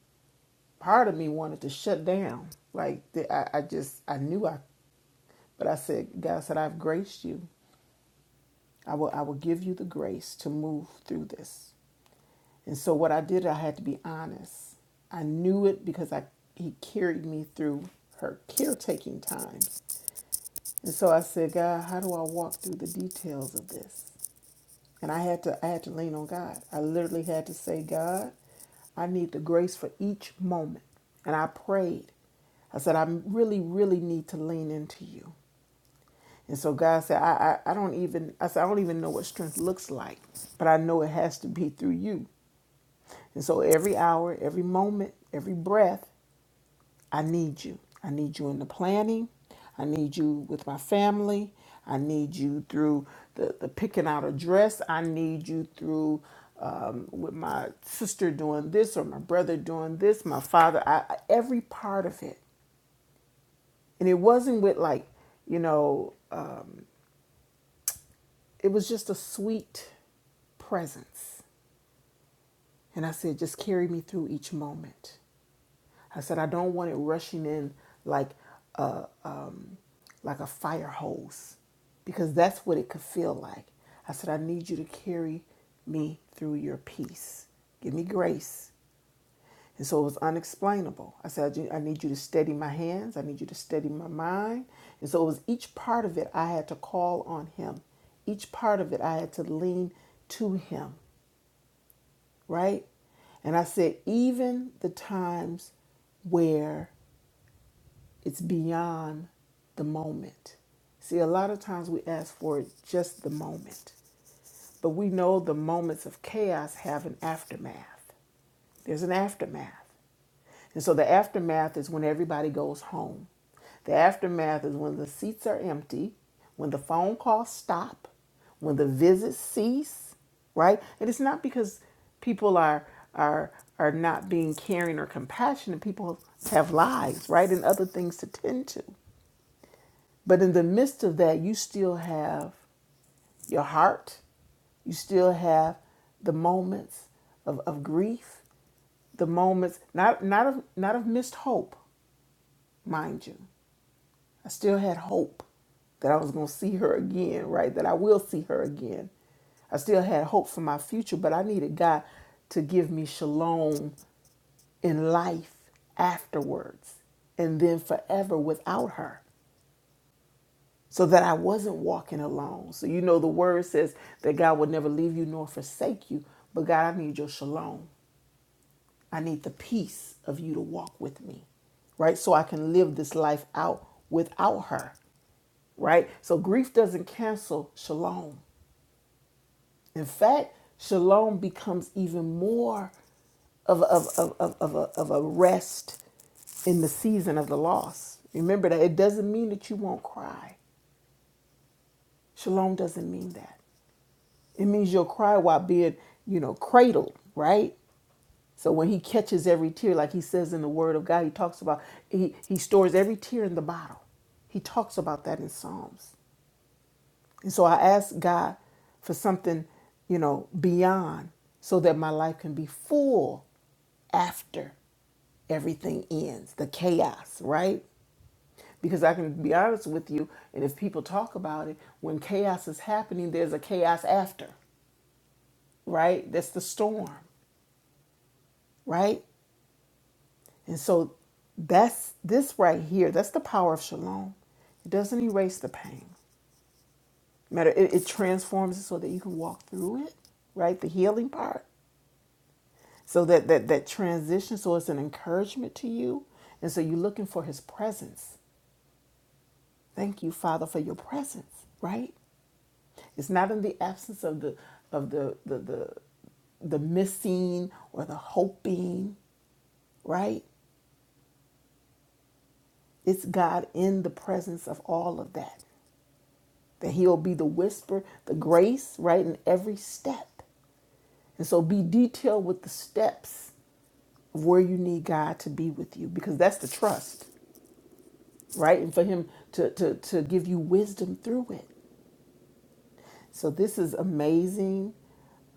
part of me wanted to shut down. Like the, I, I just, I knew I, but I said, God said, I've graced you. I will, I will give you the grace to move through this. And so what I did, I had to be honest. I knew it because I he carried me through her caretaking times. And so I said, God, how do I walk through the details of this? And I had to I had to lean on God. I literally had to say, God, I need the grace for each moment. And I prayed. I said, I really, really need to lean into you. And so God said, I, I, I don't even, I said, I don't even know what strength looks like, but I know it has to be through you. And so every hour, every moment, every breath, I need you. I need you in the planning. I need you with my family. I need you through the, the picking out a dress. I need you through um, with my sister doing this or my brother doing this, my father, I, I- every part of it. And it wasn't with like, you know, um, it was just a sweet presence And I said, just carry me through each moment. I said, I don't want it rushing in like a, um, like a fire hose because that's what it could feel like. I said, I need you to carry me through your peace. Give me grace. And so it was unexplainable. I said, I I need you to steady my hands. I need you to steady my mind. And so it was each part of it I had to call on him. Each part of it I had to lean to him right? And I said, even the times where it's beyond the moment. See, a lot of times we ask for just the moment, but we know the moments of chaos have an aftermath. There's an aftermath. And so the aftermath is when everybody goes home. The aftermath is when the seats are empty, when the phone calls stop, when the visits cease, right? And it's not because people are are are not being caring or compassionate. People have lives, right? And other things to tend to. But in the midst of that, you still have your heart. You still have the moments of, of grief the moments not not of not of missed hope, mind you. I still had hope that I was going to see her again, right? That I will see her again. I still had hope for my future, but I needed God to give me shalom in life afterwards and then forever without her so that I wasn't walking alone. So you know the word says that God will never leave you nor forsake you, but God, I need your shalom. I need the peace of you to walk with me, right? So I can live this life out without her, right? So grief doesn't cancel shalom. In fact, shalom becomes even more of, of, of, of, of, a, of a rest in the season of the loss. Remember that it doesn't mean that you won't cry. Shalom doesn't mean that. It means you'll cry while being, you know, cradled, right? So when he catches every tear, like he says in the Word of God, he talks about he he stores every tear in the bottle. He talks about that in Psalms. And so I ask God for something, you know, beyond, so that my life can be full after everything ends, the chaos, right? Because I can be honest with you, and if people talk about it, when chaos is happening, there's a chaos after, right? That's the storm, right? And so that's this right here. That's the power of shalom. It doesn't erase the pain. Matter it, it transforms it so that you can walk through it, right? The healing part. So that, that that transition, so it's an encouragement to you. And so you're looking for his presence. Thank you, Father, for your presence, right? It's not in the absence of the of the the the, the missing or the hoping, right? It's God in the presence of all of that. that he'll be the whisper, the grace, right, in every step. And so be detailed with the steps of where you need God to be with you because that's the trust, right? And for him to to to give you wisdom through it. So this is amazing.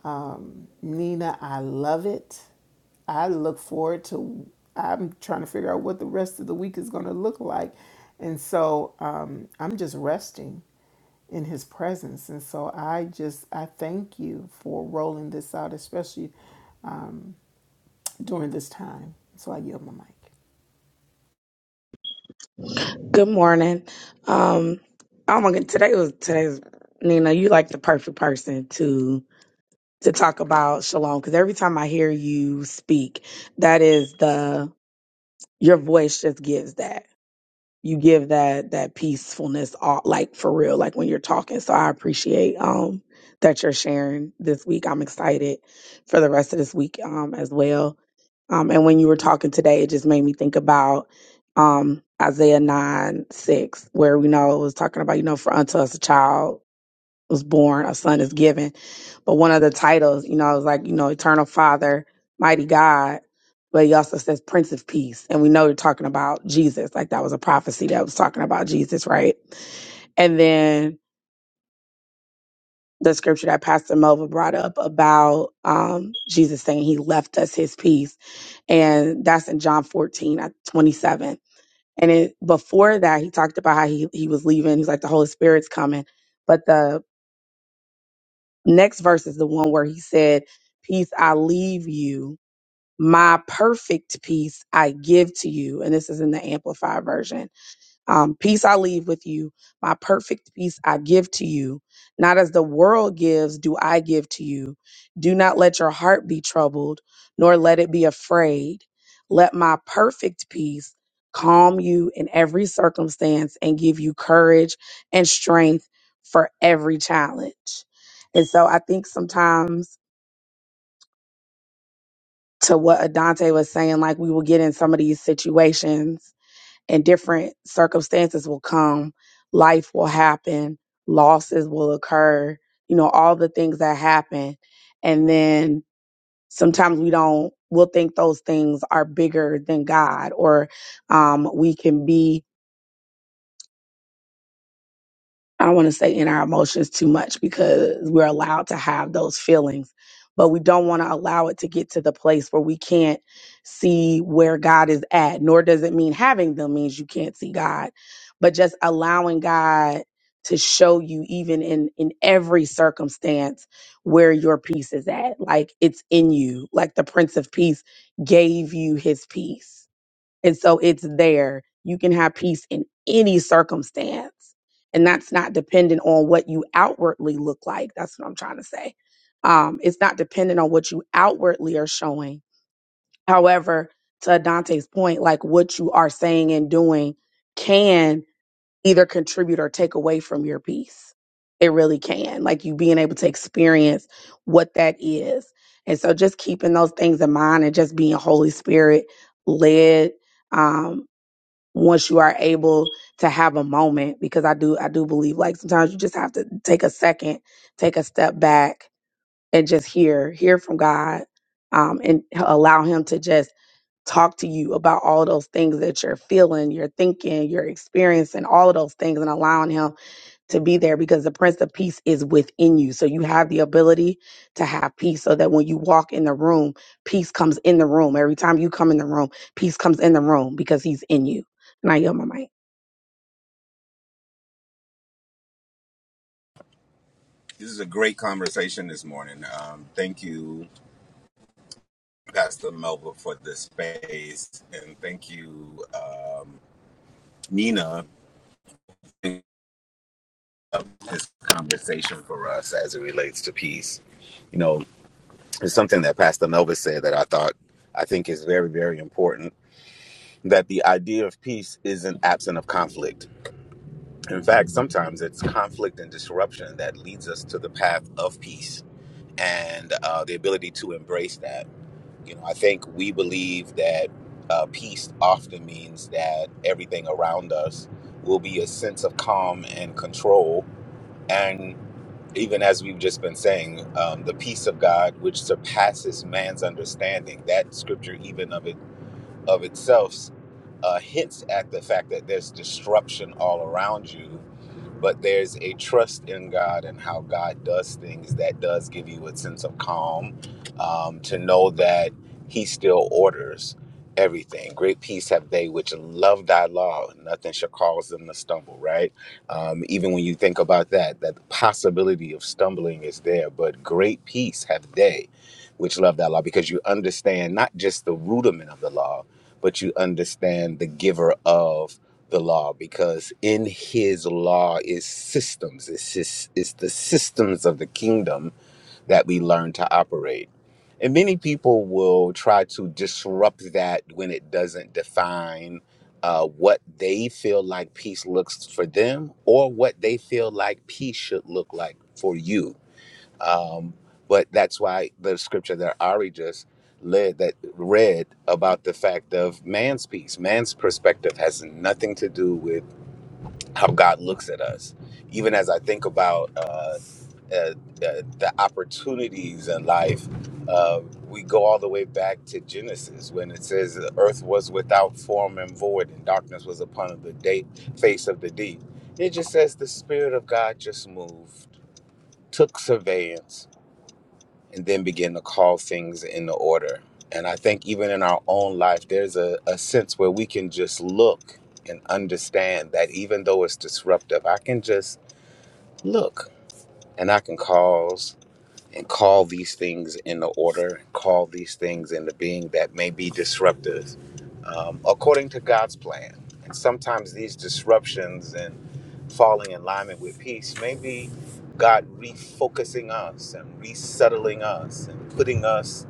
Um, Nina, I love it. I look forward to, I'm trying to figure out what the rest of the week is going to look like. And so um, I'm just resting in his presence. And so I just, I thank you for rolling this out, especially um, during this time. So I yield my mic. Good morning. Um, oh my god, today was today's Nina. You like the perfect person to to talk about shalom because every time I hear you speak, that is the your voice just gives that you give that that peacefulness all like for real like when you're talking so i appreciate um that you're sharing this week i'm excited for the rest of this week um as well um and when you were talking today it just made me think about um isaiah 9 6 where we know it was talking about you know for unto us a child was born, a son is given. But one of the titles, you know, is like, you know, Eternal Father, Mighty God, but he also says Prince of Peace. And we know you're talking about Jesus. Like that was a prophecy that was talking about Jesus, right? And then the scripture that Pastor Melva brought up about um, Jesus saying he left us his peace. And that's in John 14 at 27. And it, before that, he talked about how he, he was leaving. He's like, the Holy Spirit's coming. But the Next verse is the one where he said, Peace I leave you, my perfect peace I give to you. And this is in the Amplified version. Um, peace I leave with you. My perfect peace I give to you. Not as the world gives, do I give to you. Do not let your heart be troubled, nor let it be afraid. Let my perfect peace calm you in every circumstance and give you courage and strength for every challenge. And so I think sometimes to what Adante was saying, like we will get in some of these situations and different circumstances will come, life will happen, losses will occur, you know, all the things that happen. And then sometimes we don't, we'll think those things are bigger than God, or um, we can be I don't want to say in our emotions too much because we're allowed to have those feelings, but we don't want to allow it to get to the place where we can't see where God is at. Nor does it mean having them means you can't see God, but just allowing God to show you even in in every circumstance where your peace is at. Like it's in you. Like the Prince of Peace gave you his peace and so it's there. You can have peace in any circumstance. And that's not dependent on what you outwardly look like. That's what I'm trying to say. Um, it's not dependent on what you outwardly are showing. However, to Dante's point, like what you are saying and doing can either contribute or take away from your peace. It really can. Like you being able to experience what that is. And so just keeping those things in mind and just being Holy Spirit led um, once you are able to have a moment because i do i do believe like sometimes you just have to take a second take a step back and just hear hear from god um, and h- allow him to just talk to you about all those things that you're feeling you're thinking you're experiencing all of those things and allowing him to be there because the prince of peace is within you so you have the ability to have peace so that when you walk in the room peace comes in the room every time you come in the room peace comes in the room because he's in you and i yield my mic This is a great conversation this morning. Um, thank you, Pastor Melba, for the space, and thank you, um, Nina, for this conversation for us as it relates to peace. You know, it's something that Pastor Melba said that I thought I think is very, very important. That the idea of peace isn't absent of conflict. In fact, sometimes it's conflict and disruption that leads us to the path of peace and uh, the ability to embrace that You know, I think we believe that uh, peace often means that everything around us will be a sense of calm and control. And even as we've just been saying, um, the peace of God, which surpasses man's understanding, that scripture even of it of itself uh, hints at the fact that there's disruption all around you but there's a trust in God and how God does things that does give you a sense of calm um, to know that He still orders everything. Great peace have they which love Thy law; and nothing shall cause them to stumble. Right? Um, even when you think about that, that the possibility of stumbling is there, but great peace have they which love Thy law, because you understand not just the rudiment of the law, but you understand the giver of the law because in his law is systems it's just it's the systems of the kingdom that we learn to operate and many people will try to disrupt that when it doesn't define uh, what they feel like peace looks for them or what they feel like peace should look like for you um, but that's why the scripture that ari just led that read about the fact of man's peace man's perspective has nothing to do with how God looks at us. Even as I think about uh, uh, uh, the opportunities in life, uh, we go all the way back to Genesis when it says the earth was without form and void, and darkness was upon the day, face of the deep. It just says the Spirit of God just moved, took surveillance, and then began to call things into order. And I think even in our own life, there's a, a sense where we can just look and understand that even though it's disruptive, I can just look and i can cause and call these things into order call these things into being that may be disruptive um, according to god's plan and sometimes these disruptions and falling in alignment with peace may be god refocusing us and resettling us and putting us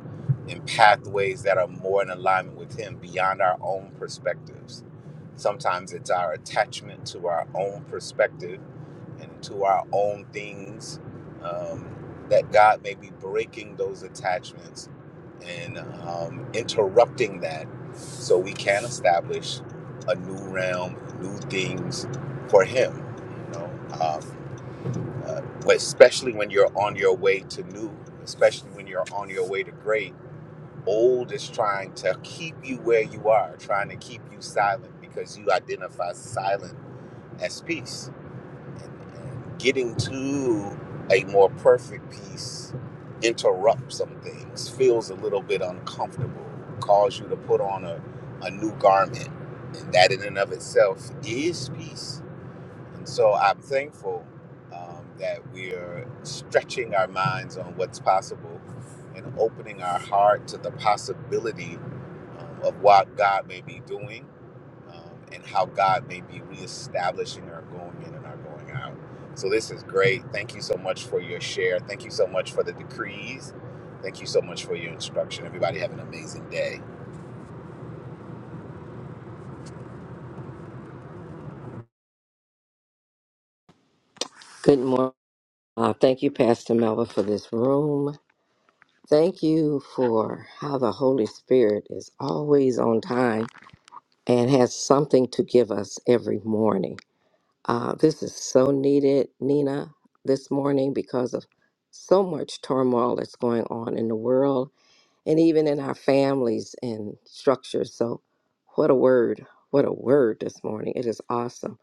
in pathways that are more in alignment with him beyond our own perspectives Sometimes it's our attachment to our own perspective and to our own things um, that God may be breaking those attachments and um, interrupting that so we can establish a new realm, new things for Him. You know, um, uh, especially when you're on your way to new, especially when you're on your way to great old is trying to keep you where you are, trying to keep you silent because you identify silent as peace. And, and getting to a more perfect peace interrupts some things, feels a little bit uncomfortable, calls you to put on a, a new garment. And that in and of itself is peace and so I'm thankful um, that we are stretching our minds on what's possible and opening our heart to the possibility um, of what God may be doing um, and how God may be reestablishing our going in and our going out. So this is great. Thank you so much for your share. Thank you so much for the decrees. Thank you so much for your instruction. Everybody have an amazing day. Good morning. Uh, thank you, Pastor Melba, for this room. Thank you for how the Holy Spirit is always on time and has something to give us every morning. Uh, this is so needed, Nina, this morning because of so much turmoil that's going on in the world and even in our families and structures. So, what a word! What a word this morning. It is awesome.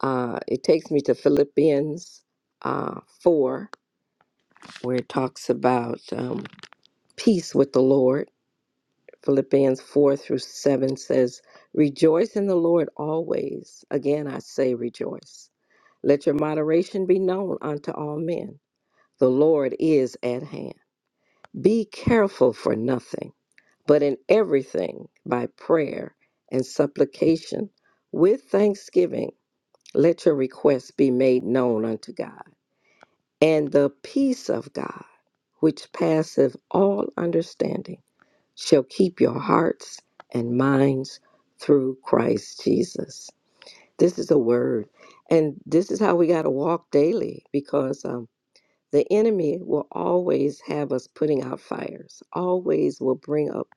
Uh, it takes me to Philippians uh, 4 where it talks about um, peace with the Lord. Philippians 4 through 7 says, Rejoice in the Lord always. Again, I say rejoice. Let your moderation be known unto all men. The Lord is at hand. Be careful for nothing, but in everything by prayer and supplication with thanksgiving, let your requests be made known unto God. And the peace of God, which passeth all understanding, shall keep your hearts and minds through Christ Jesus. This is a word. And this is how we got to walk daily because um, the enemy will always have us putting out fires, always will bring up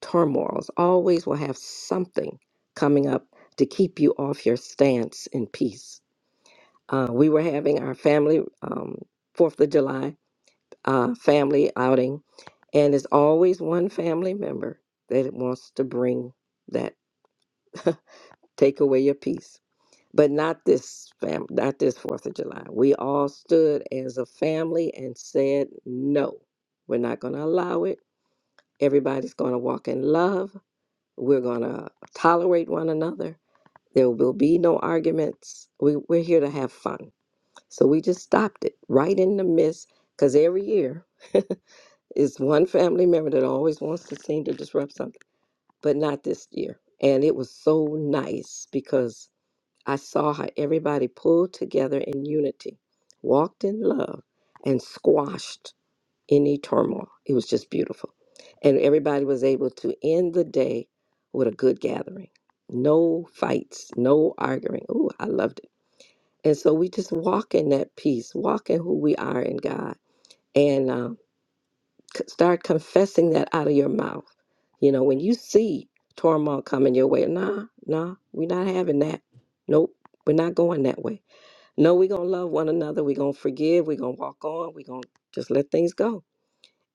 turmoils, always will have something coming up to keep you off your stance in peace. Uh, we were having our family um, 4th of July uh, family outing, and there's always one family member that wants to bring that take away your peace. But not this fam, not this Fourth of July. We all stood as a family and said, "No, we're not going to allow it. Everybody's going to walk in love. We're going to tolerate one another. There will be no arguments. We, we're here to have fun." So we just stopped it right in the midst, because every year. It's one family member that always wants to seem to disrupt something, but not this year. And it was so nice because I saw how everybody pulled together in unity, walked in love, and squashed any turmoil. It was just beautiful. And everybody was able to end the day with a good gathering. No fights, no arguing. Ooh, I loved it. And so we just walk in that peace, walk in who we are in God. And um, c- start confessing that out of your mouth. You know, when you see turmoil coming your way, nah, nah, we're not having that. Nope, we're not going that way. No, we're going to love one another. We're going to forgive. We're going to walk on. We're going to just let things go.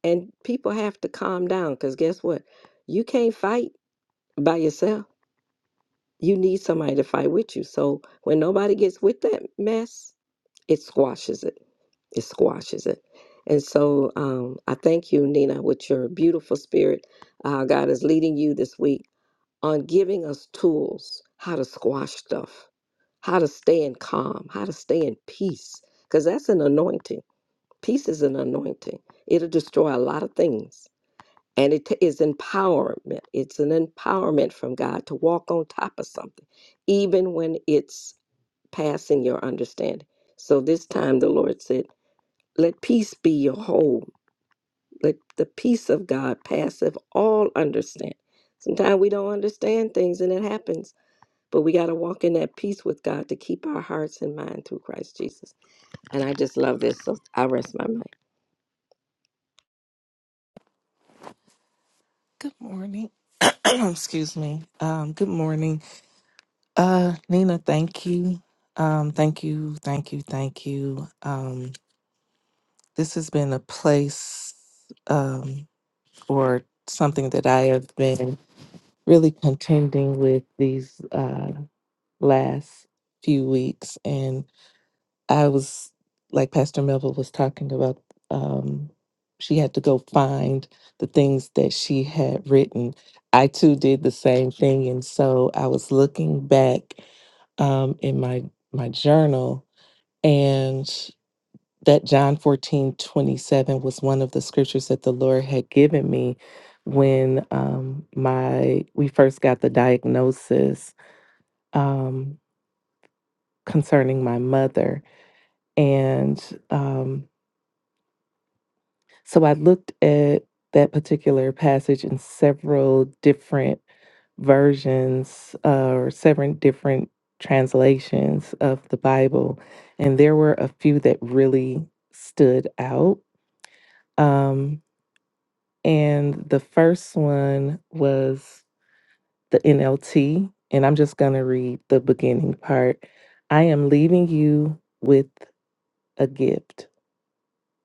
And people have to calm down because guess what? You can't fight by yourself. You need somebody to fight with you. So when nobody gets with that mess, it squashes it it squashes it. And so um, I thank you, Nina, with your beautiful spirit. Uh, God is leading you this week on giving us tools how to squash stuff, how to stay in calm, how to stay in peace, because that's an anointing. Peace is an anointing, it'll destroy a lot of things. And it t- is empowerment. It's an empowerment from God to walk on top of something, even when it's passing your understanding. So this time the Lord said, let peace be your whole. Let the peace of God passeth all understand. Sometimes we don't understand things and it happens, but we got to walk in that peace with God to keep our hearts and mind through Christ Jesus. And I just love this, so I rest my mind. Good morning. Excuse me. Um, good morning. Uh, Nina, thank you. Um, thank you, thank you, thank you. Um, this has been a place um, or something that I have been really contending with these uh, last few weeks. I was like Pastor Melville was talking about. Um, she had to go find the things that she had written. I too did the same thing, and so I was looking back um, in my my journal, and that John fourteen twenty seven was one of the scriptures that the Lord had given me when um, my we first got the diagnosis um, concerning my mother, and. Um, So I looked at that particular passage in several different versions uh, or seven different translations of the Bible, and there were a few that really stood out. Um, and the first one was the NLT, and I'm just going to read the beginning part. I am leaving you with a gift,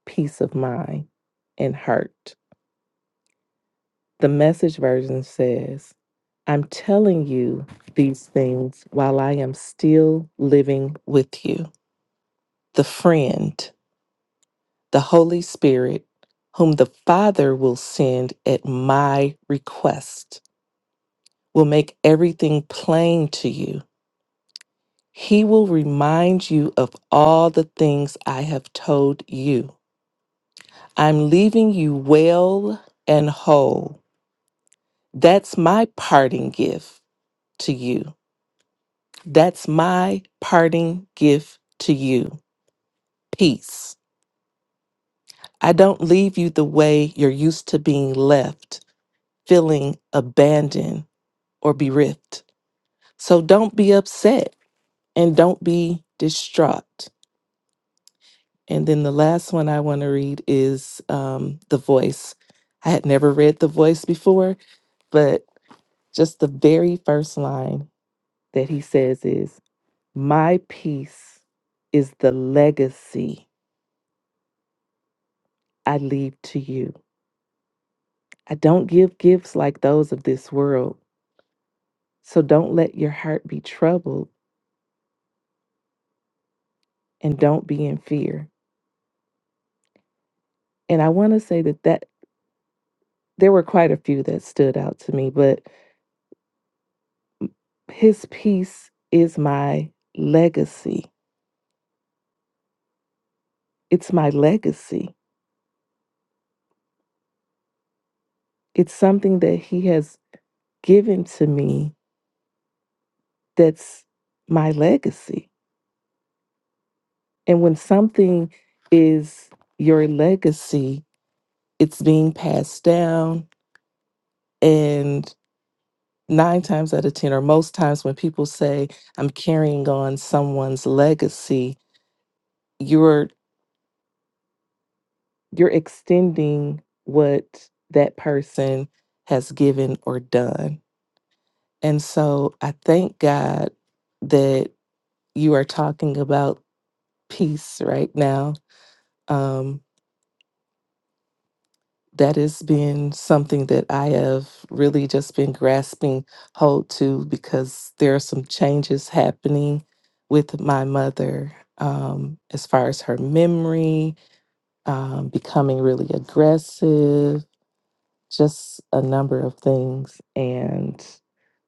peace of mind and heart. The message version says, I'm telling you these things while I am still living with you. The friend, the Holy Spirit, whom the Father will send at my request, will make everything plain to you. He will remind you of all the things I have told you. I'm leaving you well and whole. That's my parting gift to you. That's my parting gift to you. Peace. I don't leave you the way you're used to being left, feeling abandoned or bereft. So don't be upset and don't be distraught. And then the last one I want to read is um, The Voice. I had never read The Voice before, but just the very first line that he says is, My peace is the legacy I leave to you. I don't give gifts like those of this world. So don't let your heart be troubled and don't be in fear. And I want to say that that there were quite a few that stood out to me, but his peace is my legacy. It's my legacy. It's something that he has given to me that's my legacy. And when something is your legacy, it's being passed down and nine times out of 10, or most times when people say, I'm carrying on someone's legacy, you're you're extending what that person has given or done. And so I thank God that you are talking about peace right now. Um, that has been something that I have really just been grasping hold to because there are some changes happening with my mother um, as far as her memory, um, becoming really aggressive, just a number of things. And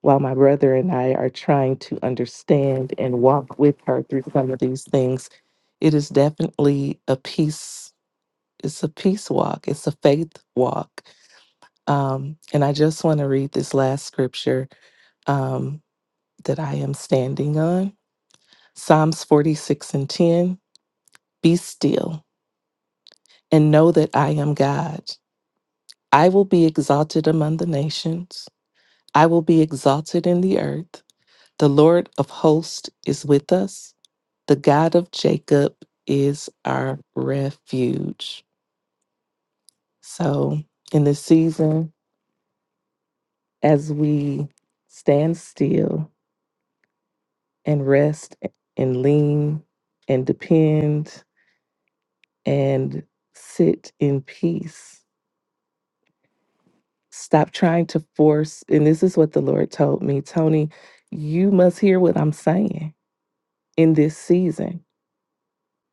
while my brother and I are trying to understand and walk with her through some of these things, it is definitely a peace. It's a peace walk. It's a faith walk um, and I just want to read this last scripture um, that I am standing on Psalms 46 and 10. Be still and know that I am God. I will be exalted among the nations, I will be exalted in the earth. The Lord of hosts is with us, the God of Jacob is our refuge. So, in this season, as we stand still, and rest and lean and depend and sit in peace. Stop trying to force. And this is what the Lord told me Tony, you must hear what I'm saying in this season.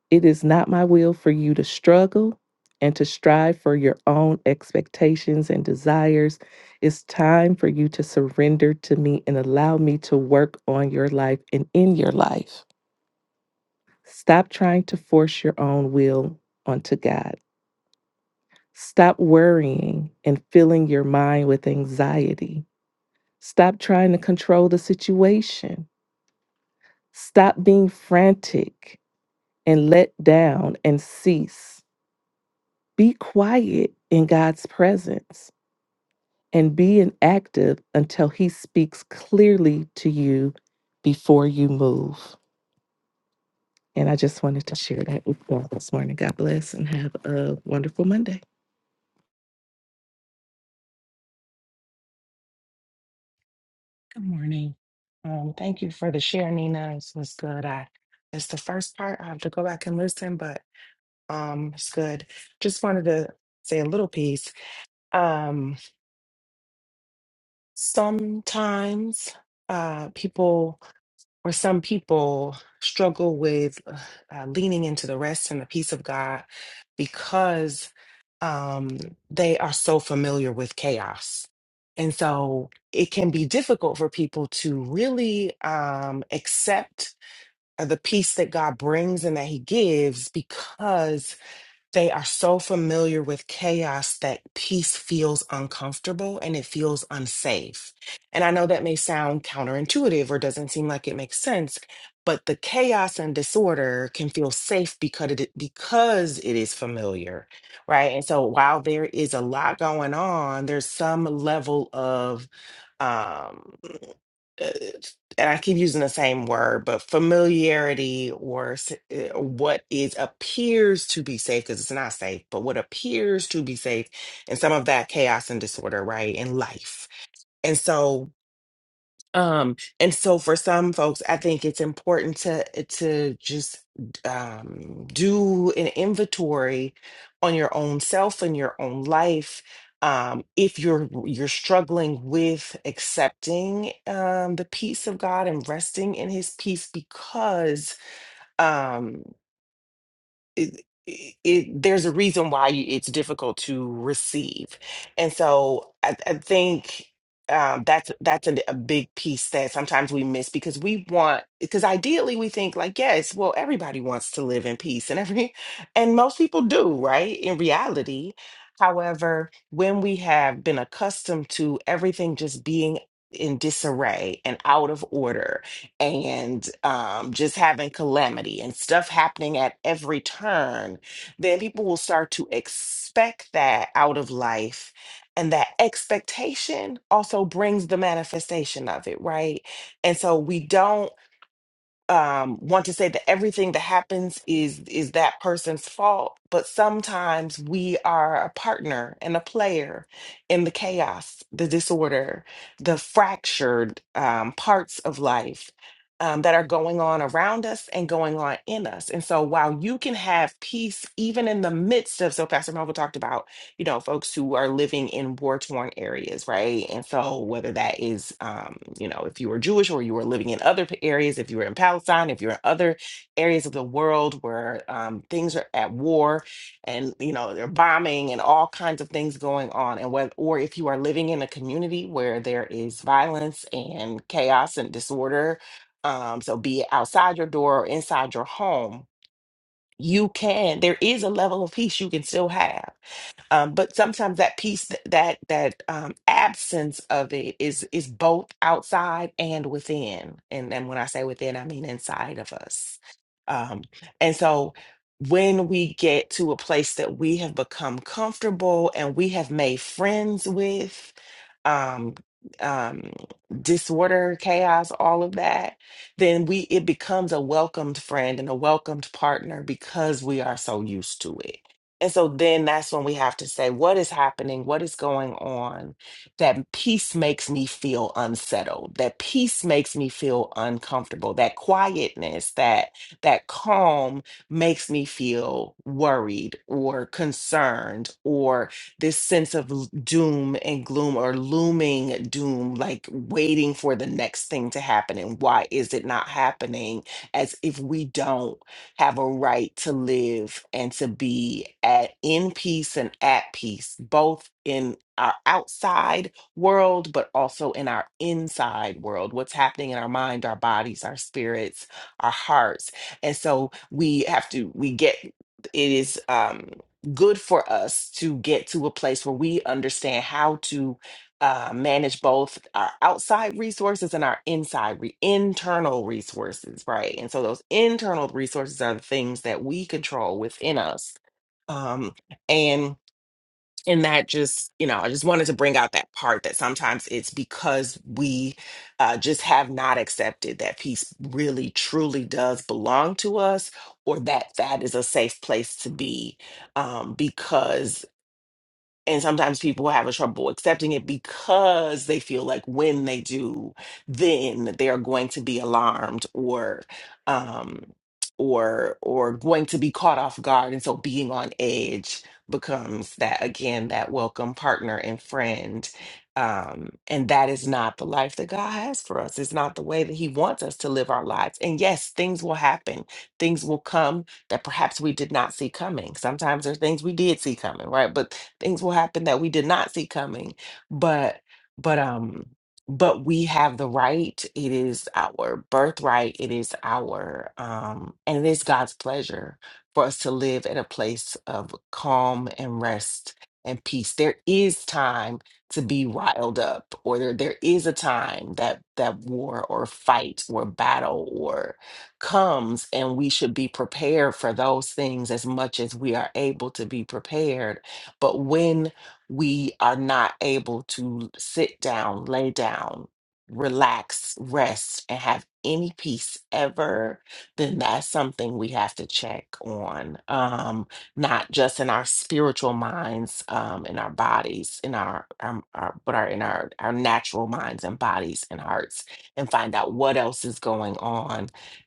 It is not my will for you to struggle and to strive for your own expectations and desires. It's time for you to surrender to me and allow me to work on your life and in your life Stop trying to force your own will onto God. Stop worrying and filling your mind with anxiety. Stop trying to control the situation. Stop being frantic and let down and cease. Be quiet in God's presence and be inactive until He speaks clearly to you before you move. And I just wanted to share that with you all this morning. God bless and have a wonderful Monday. Good morning. Um, thank you for the share, Nina. This was good. I it's the first part. I have to go back and listen, but um, it's good. Just wanted to say a little piece. Um, sometimes uh, people or some people struggle with uh, uh, leaning into the rest and the peace of God because um, they are so familiar with chaos. And so it can be difficult for people to really um, accept uh, the peace that God brings and that He gives because they are so familiar with chaos that peace feels uncomfortable and it feels unsafe. And I know that may sound counterintuitive or doesn't seem like it makes sense, but the chaos and disorder can feel safe because it because it is familiar, right? And so while there is a lot going on, there's some level of um uh, and I keep using the same word, but familiarity or s- uh, what is appears to be safe, because it's not safe, but what appears to be safe, and some of that chaos and disorder, right, in life. And so um, and so for some folks, I think it's important to to just um, do an inventory on your own self and your own life. Um, if you're you're struggling with accepting um, the peace of God and resting in His peace because um, it, it, there's a reason why it's difficult to receive. And so I, I think um, that's that's a, a big piece that sometimes we miss because we want because ideally we think like yes well everybody wants to live in peace and every and most people do right in reality however when we have been accustomed to everything just being in disarray and out of order and um, just having calamity and stuff happening at every turn, then people will start to expect that out of life. And that expectation also brings the manifestation of it, right? And so we don't um, want to say that everything that happens is is that person's fault, but sometimes we are a partner and a player in the chaos, the disorder, the fractured um, parts of life um, that are going on around us and going on in us. And so, while you can have peace even in the midst of, so Pastor Melville talked about you know, folks who are living in war torn areas, right? And so, whether that is, um, you know, if you were Jewish or you were living in other p- areas, if you were in Palestine, if you're in other areas of the world where um, things are at war and, you know, they're bombing and all kinds of things going on, and whether, or if you are living in a community where there is violence and chaos and disorder, um, so be it outside your door or inside your home, you can, there is a level of peace you can still have um, but sometimes that piece th- that that um, absence of it is is both outside and within and and when i say within i mean inside of us um, and so when we get to a place that we have become comfortable and we have made friends with um, um, disorder chaos all of that then we it becomes a welcomed friend and a welcomed partner because we are so used to it and so then that's when we have to say, what is happening? What is going on? That peace makes me feel unsettled. That peace makes me feel uncomfortable. That quietness, that that calm makes me feel worried or concerned or this sense of l- doom and gloom or looming doom, like waiting for the next thing to happen. And why is it not happening? As if we don't have a right to live and to be at in peace and at peace, both in our outside world, but also in our inside world, what's happening in our mind, our bodies, our spirits, our hearts. And so we have to, we get, it is um, good for us to get to a place where we understand how to uh, manage both our outside resources and our inside re- internal resources, right? And so those internal resources are the things that we control within us. Um, and and that just you know, I just wanted to bring out that part that sometimes it's because we uh, just have not accepted that peace really truly does belong to us, or that that is a safe place to be, um, because and sometimes people have a trouble accepting it because they feel like when they do then they are going to be alarmed or um or or going to be caught off guard and so being on edge becomes that again that welcome partner and friend um and that is not the life that God has for us it's not the way that he wants us to live our lives and yes things will happen things will come that perhaps we did not see coming. Sometimes there are things we did see coming, right? But things will happen that we did not see coming. But but um but we have the right. It is our birthright. It is our um and it is God's pleasure for us to live at a place of calm and rest and peace. There is time to be riled up or there, there is a time that that war or fight or battle or comes and we should be prepared for those things as much as we are able to be prepared but when we are not able to sit down lay down relax rest and have any peace ever then that's something we have to check on um not just in our spiritual minds um in our bodies in our, um, our but our in our our natural minds and bodies and hearts and find out what else is going on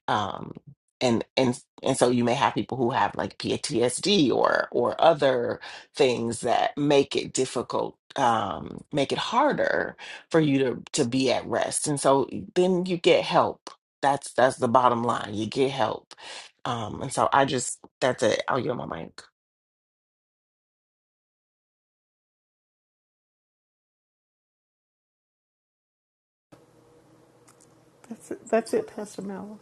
um and and and so you may have people who have like PTSD or or other things that make it difficult um make it harder for you to to be at rest and so then you get help that's that's the bottom line you get help um and so I just that's it I'll yield my mic That's it, that's it Pastor Mel.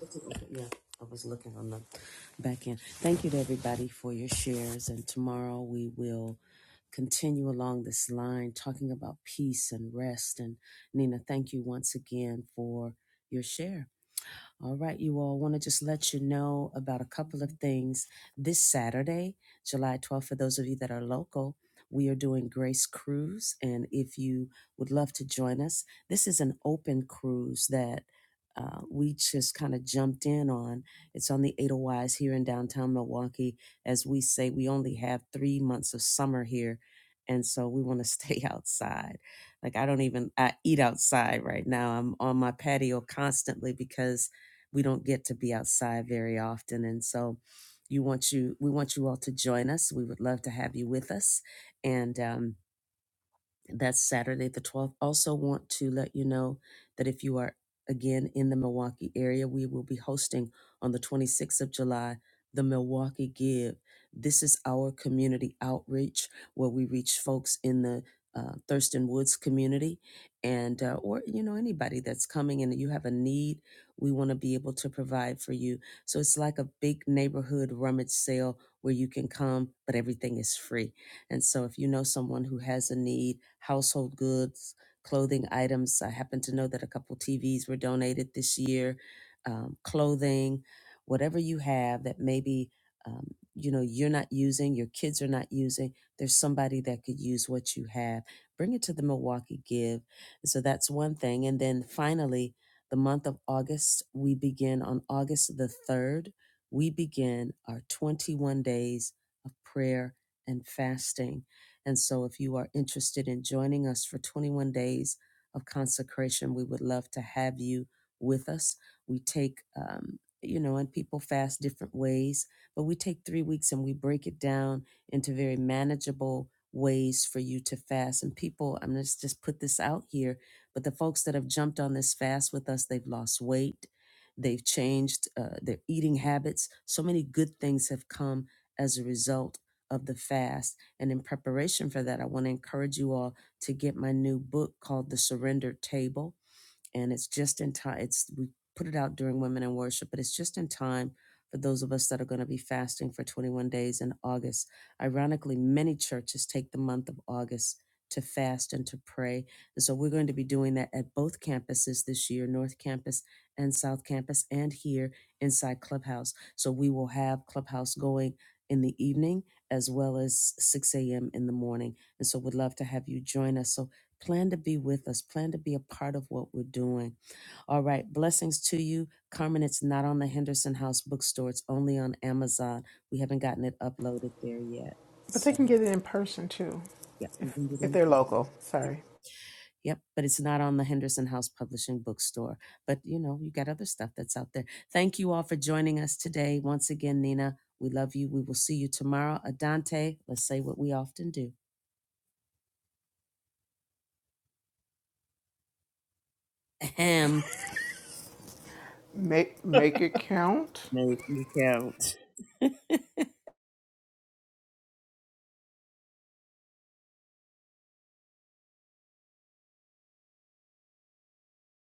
But they can get it in person too, if, if they're local. Sorry. Make make it count.